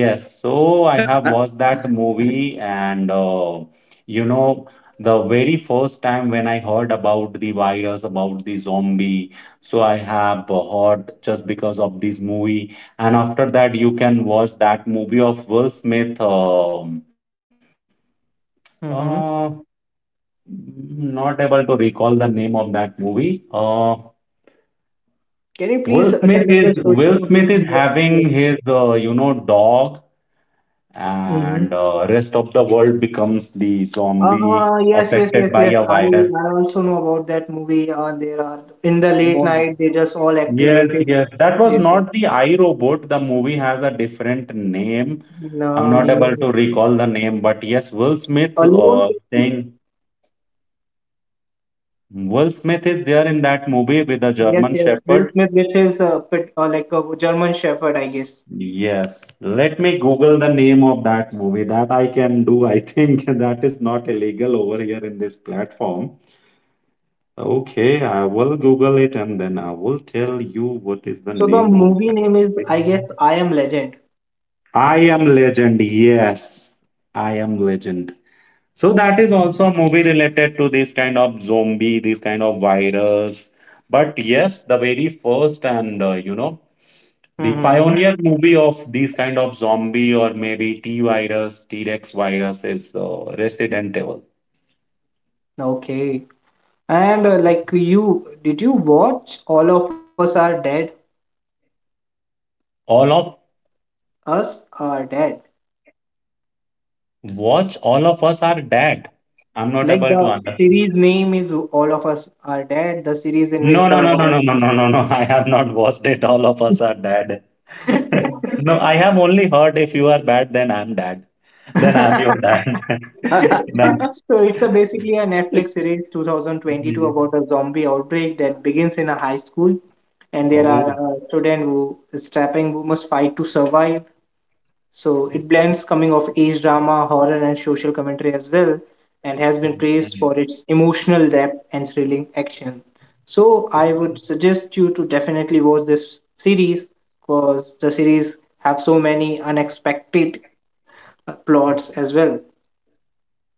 B: yes, so I have watched that movie, and uh, you know, the very first time when I heard about the virus, about the zombie, so I have uh, heard just because of this movie. And after that, you can watch that movie of Will Smith. Um,
A: hmm
B: uh, Not able to recall the name of that movie. Uh,
A: Can you please
B: Will
A: uh, tell
B: Smith
A: us the
B: is
A: story
B: Will
A: so we
B: Smith is
A: can just
B: having
A: suggest?
B: his uh, you know dog
A: Mm-hmm.
B: and uh, rest of the world becomes the zombie
A: Uh, yes, yes,
B: affected
A: yes,
B: by
A: yes.
B: a
A: I
B: virus.
A: I also know about that movie. Uh, there are in the late
B: No,
A: night they just all
B: yes,
A: activated.
B: yes, that was
A: Yes, yes.
B: not the I, Robot. The movie has a different name. I'm
A: No
B: not
A: name.
B: able to recall the name, but yes, Will Smith
A: Alone.
B: uh, thing. Will Smith is there in that movie with a
A: Yes,
B: German
A: yes. Will
B: Shepherd.
A: Smith, which is a pit uh, like a German Shepherd, I guess.
B: Yes, let me Google the name of that movie. That I can do. I think that is not illegal over here in this platform. Okay, I will Google it and then I will tell you what is the
A: So the
B: name of
A: movie name is,
B: that.
A: I guess, I Am Legend.
B: I Am Legend. Yes, I Am Legend. So that is also a movie related to this kind of zombie, this kind of virus. But yes, the very first and uh, you know the
A: Mm-hmm. Mm-hmm.
B: pioneer movie of this kind of zombie or maybe T virus, T Rex virus is uh, Resident Evil.
A: Okay. And uh, like you, did you watch All of Us Are Dead?
B: All of
A: Us Are Dead.
B: Watch, all of us are dead. I'm not
A: Like
B: able to
A: the
B: understand.
A: series name is All of Us Are Dead, the series in which
B: No, no,
A: the
B: no, no, no,
A: virus.
B: no, no, no, No. I have not watched it. All of us are dead. No, I have only heard if you are bad, then I'm dad. Then I'm your dad. Then.
A: So it's a basically a Netflix series twenty twenty-two about a zombie outbreak that begins in a high school and there
B: Oh,
A: are
B: okay.
A: uh, student who is strapping who must fight to survive. So it blends coming of age drama, horror, and social commentary as well, and has been praised for its emotional depth and thrilling action. So I would
B: Okay.
A: suggest you to definitely watch this series because the series have so many unexpected uh, plots as well.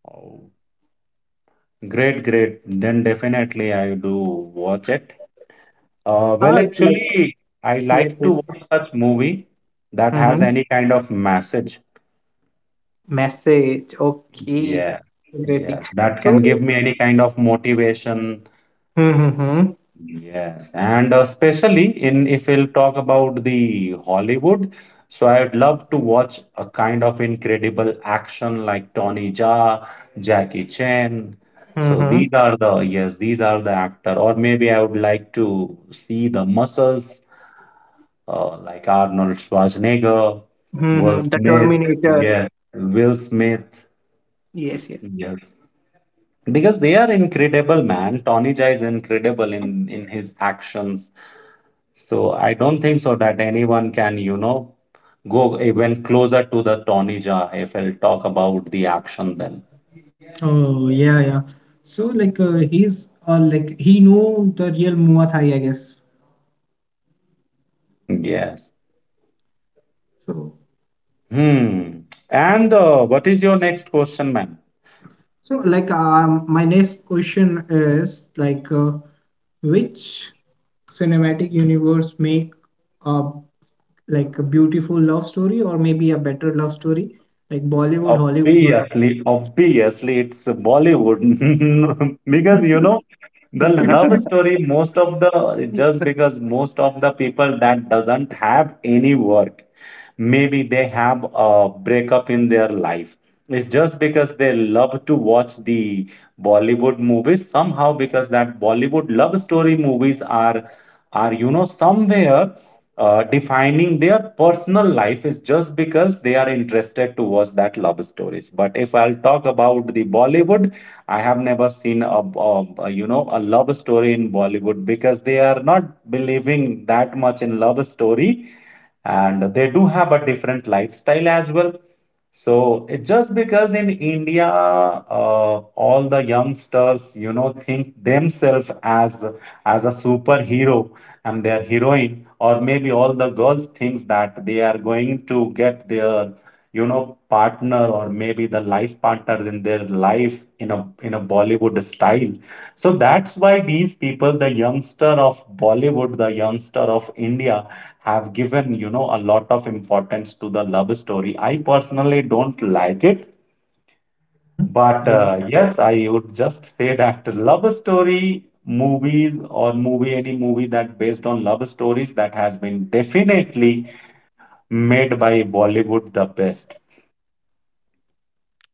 B: Oh, great, great. Then definitely I do watch it. Uh, well,
A: Ah, like
B: actually, I
A: yes,
B: like to
A: yes.
B: watch such movie that has
A: Mm-hmm.
B: any kind of message.
A: Message. Okay.
B: Yeah,
A: Interesting.
B: yeah. That
A: So.
B: can give me any kind of motivation.
A: Mm-hmm.
B: Yes, and especially in if we'll talk about the Hollywood, so I'd love to watch a kind of incredible action like Tony Jaa, Jackie Chan. So
A: Mm-hmm.
B: these are the yes, these are the actor, or maybe I would like to see the muscles uh, like Arnold Schwarzenegger, Will
A: Mm-hmm. The
B: Smith.
A: Terminator.
B: Yes, Will Smith.
A: Yes, yes.
B: Yes, because they are incredible, man. Tony Jaa is incredible in in his actions. So I don't think so that anyone can, you know, go even closer to the Tony Jaa if I'll talk about the action then.
A: Oh yeah, yeah. So like uh, he's uh, like he know the real Muay, I guess.
B: Yes.
A: So
B: Hmm. And uh, what is your next question, ma'am?
A: so like um, my next question is like uh, which cinematic universe make a like a beautiful love story or maybe a better love story, like Bollywood, Hollywood, or top?
B: Obviously, obviously, it's Bollywood because you know the love story. Most of the just because most of the people that doesn't have any work, maybe they have a breakup in their life. It's just because they love to watch the Bollywood movies
C: Bollywood
B: somehow
C: movies.
B: because that
C: Somehow because
B: Bollywood
C: that
B: love
C: Bollywood
B: story
C: love
B: movies
C: story
B: are
C: movies are
B: are you know
C: are you know
B: somewhere
C: somewhere.
B: uh, defining their personal life is just because they are interested to watch that love stories. But if I'll talk about the Bollywood, I have never seen a, a, a, you know a love story in Bollywood because they are not believing that much in love story, and they do have a different lifestyle as well. So it just because in India, uh, all the youngsters, you know, think themselves as as a superhero, and their heroine or maybe all the girls thinks that they are going to get their you know partner or maybe the life partner in their life in a in a Bollywood style, so that's why these people the youngster of Bollywood the youngster of India have given you know a lot of importance to the love story. I personally don't like it,
A: Mm-hmm.
B: but
A: Yeah.
B: uh, yes, I would just say that love story movies or movie, any movie that based on love stories that has been definitely made by Bollywood the best.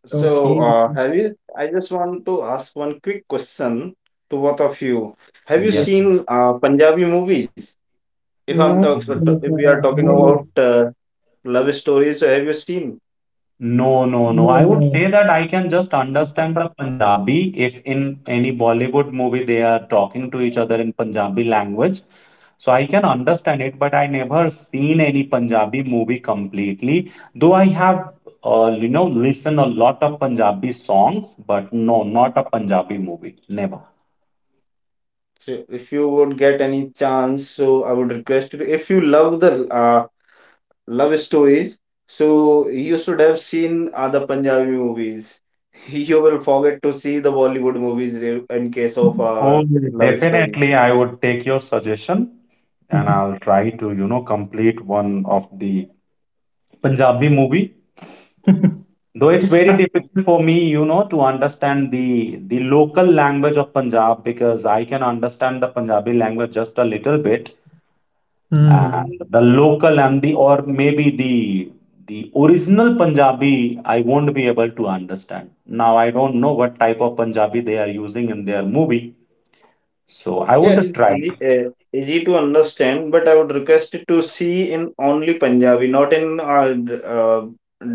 C: So,
A: Okay.
C: uh, have you? I just want to ask one quick question to both of
B: Mhm.
C: you. Have you
A: Yes.
B: Yes.
C: seen uh, Punjabi movies? If I'm
A: No.
C: talk,
B: Mhm.
C: if
A: Like,
C: we are
A: uh,
C: talking about
A: I
B: Mhm.
C: uh, love stories, so have you seen?
B: No, no, no. I would
A: no,
B: say that I can just understand the Punjabi if in any Bollywood movie they are talking to each other in Punjabi language. So I can understand it, but I never seen any Punjabi movie completely. Though I have, uh, you know, listened a lot of Punjabi songs, but no, not a Punjabi movie, never.
C: So, if you would get any chance, so I would request you. If you love the uh, love stories. So you should have seen other Punjabi movies. You will forget to see the Bollywood movies in in case of uh,
B: Oh,
C: love story.
B: definitely, I would take your suggestion, and
A: no.
B: I'll try to, you know, complete one of the Punjabi movie. Though it's very difficult for me, you know, to understand the the local language of Punjab because I can understand the Punjabi language just a little bit,
A: Hmm.
B: and the local and the or maybe the the original Punjabi I won't be able to understand. Now I don't know what type of Punjabi they are using in their movie, so I
C: Yeah, it
B: would
C: is
B: try.
C: easy, uh, easy to understand, but I would request it to see in only Punjabi, not in uh, d- uh,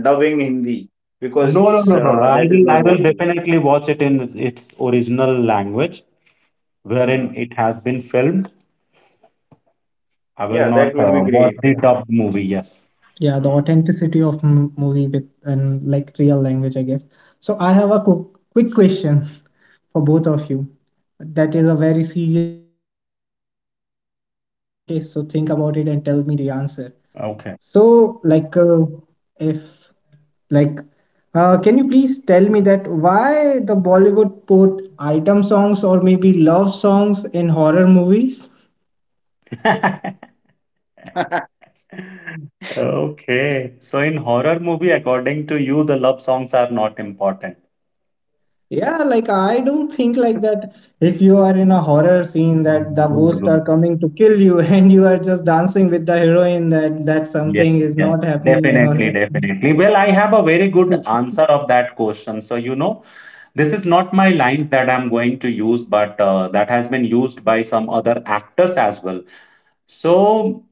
C: dubbing Hindi,
B: No, no,
C: because
B: no, no. no.
C: uh,
B: I
C: that is
B: will I
C: not
B: will
C: worthy.
B: definitely watch it in its original language
C: Hmm.
B: wherein it has been filmed. I
C: Yeah,
B: will
C: that
B: not
C: would be
B: uh,
C: great.
B: watch
C: Yeah.
B: the dubbed movie. Yes.
A: Yeah, the
C: Hmm.
A: authenticity of m movie with and like real language, I guess. So I have a quick, quick question for both of you. That is a very serious question. Okay, so think about it and tell me the answer. So,
B: Okay.
A: like, uh, if like, uh, can you please tell me that why the Bollywood put item songs or maybe love songs in horror movies?
B: Okay. So in horror movie, according to you, the love songs are not important.
A: Yeah, like I don't think like that, if you are in a horror scene that the
B: Good,
A: ghosts are
B: good.
A: coming to kill you and you are just dancing with the heroine, that that
B: Yes,
A: something is
B: yes.
A: not happening and all
B: Definitely,
A: that.
B: definitely. Well, I have a very good answer of that question. So, you know, this is not my lines that I'm going to use, but uh, that has been used by some other actors as well. So,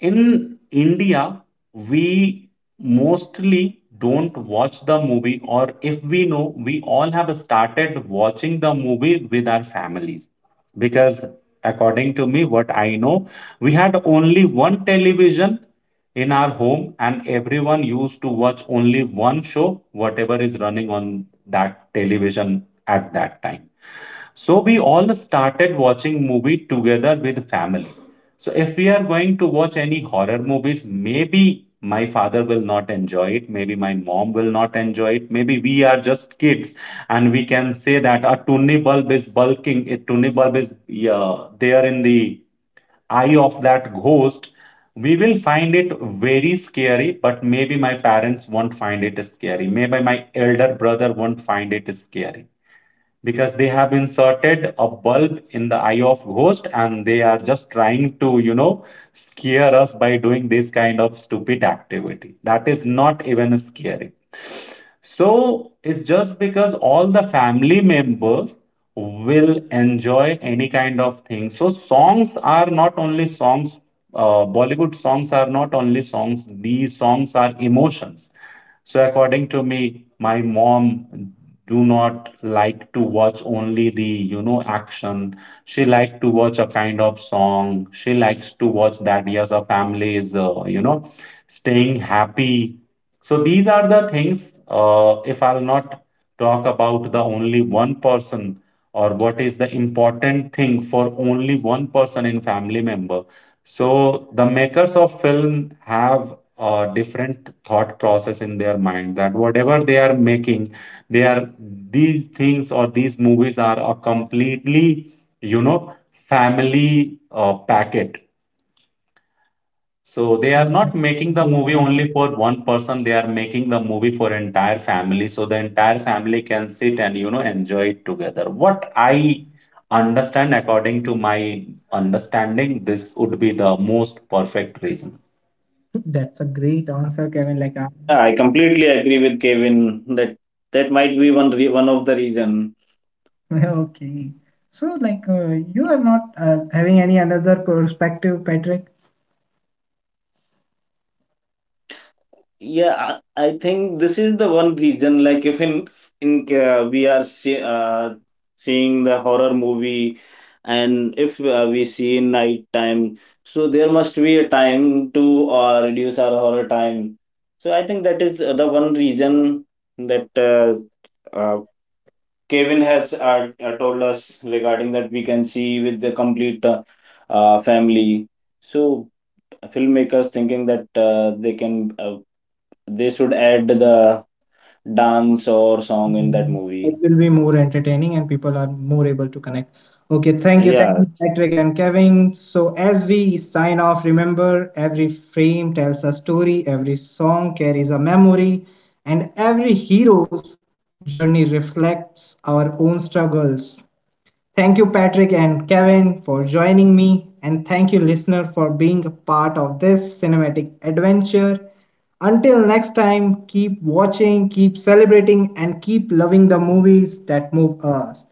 B: in India, we mostly don't watch the movie, or if we know, we all have started watching the movie with our families. Because, according to me, what I know, we had only one television in our home, and everyone used to watch only one show, whatever is running on that television at that time. So we all started watching movie together with family. So if we are going to watch any horror movies, maybe my father will not enjoy it, maybe my mom will not enjoy it, maybe we are just kids and we can say that a tunni bulb is bulking, a tunni bulb is yeah, there in the eye of that ghost. We will find it very scary, but maybe my parents won't find it scary. Maybe my elder brother won't find it scary because they have inserted a bulb in the eye of ghost and they are just trying to you know scare us by doing this kind of stupid activity that is not even scary, so it's just because all the family members will enjoy any kind of thing. So songs are not only songs, uh, Bollywood songs are not only songs, these songs are emotions. So according to me, my mom do not like to watch only the, you know, action. She likes to watch a kind of song. She likes to watch that yes, our family is, uh, you know, staying happy, so these are the things. Uh, if I'll not talk about the only one person or what is the important thing for only one person in family member. So the makers of film have a different thought process in their mind that whatever they are making, they are these things or these movies are a completely you know family uh, packet, so they are
A: Oh,
B: not
A: that's
B: making
A: a
B: the movie
A: great
B: only
A: answer.
B: for one person, they are making the movie for entire family so the entire family can sit and you know enjoy it together. What I understand according to my understanding, this would be the most perfect reason.
A: That's a great answer, Kevin. Like, uh,
C: Yeah, I completely agree with Kevin that that might be one re one of the reason.
A: okay. So, like, uh, you are not uh, having any another perspective, Patrick?
C: Yeah, I, I think this is the one reason. Like, if in in uh, we are see, uh, seeing the horror movie, and if uh, we see in night time, so there must be a time to uh, reduce our horror time. So I think that is uh, the one reason that uh, uh, Kevin has uh, uh, told us regarding that we can see with the complete uh, uh, family. So filmmakers thinking that uh, they can uh, they should add the dance or song in that
A: It
C: movie.
A: will be more entertaining and people are more able to connect. Okay, thank you, thank you,
C: Yeah,
A: Patrick and Kevin. So, as we sign off, remember every frame tells a story, every song carries a memory, and every hero's journey reflects our own struggles. Thank you, Patrick and Kevin, for joining me. And thank you, listener, for being a part of this cinematic adventure. Until next time, keep watching, keep celebrating, and keep loving the movies that move us.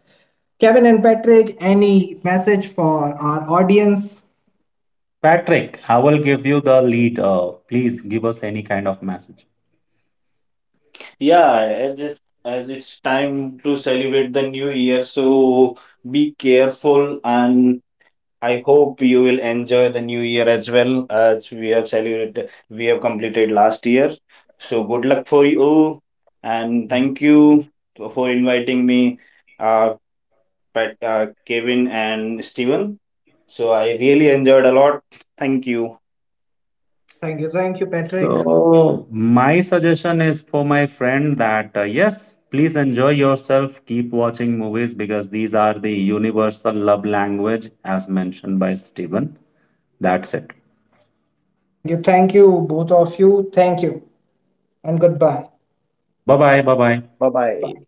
A: Kevin and Patrick, any message for our audience?
B: Patrick, I will give you the lead. Uh, please give us any kind of message.
C: yeah, as it, as it's time to celebrate the new year, so be careful, and I hope you will enjoy the new year as well as we have celebrated, we have completed last year. So good luck for you and thank you for inviting me, uh, Pat, uh, Kevin, and Steven. So I really enjoyed a lot. Thank you.
A: Thank you, thank you, Patrick.
B: So, my suggestion is for my friend that uh, yes, please enjoy yourself, keep watching movies because these are the universal love language as mentioned by Steven. That's it.
A: Thank you, thank you, both of you. Thank you, and goodbye.
B: Bye bye, bye bye.
C: Bye
A: Bye.
C: bye.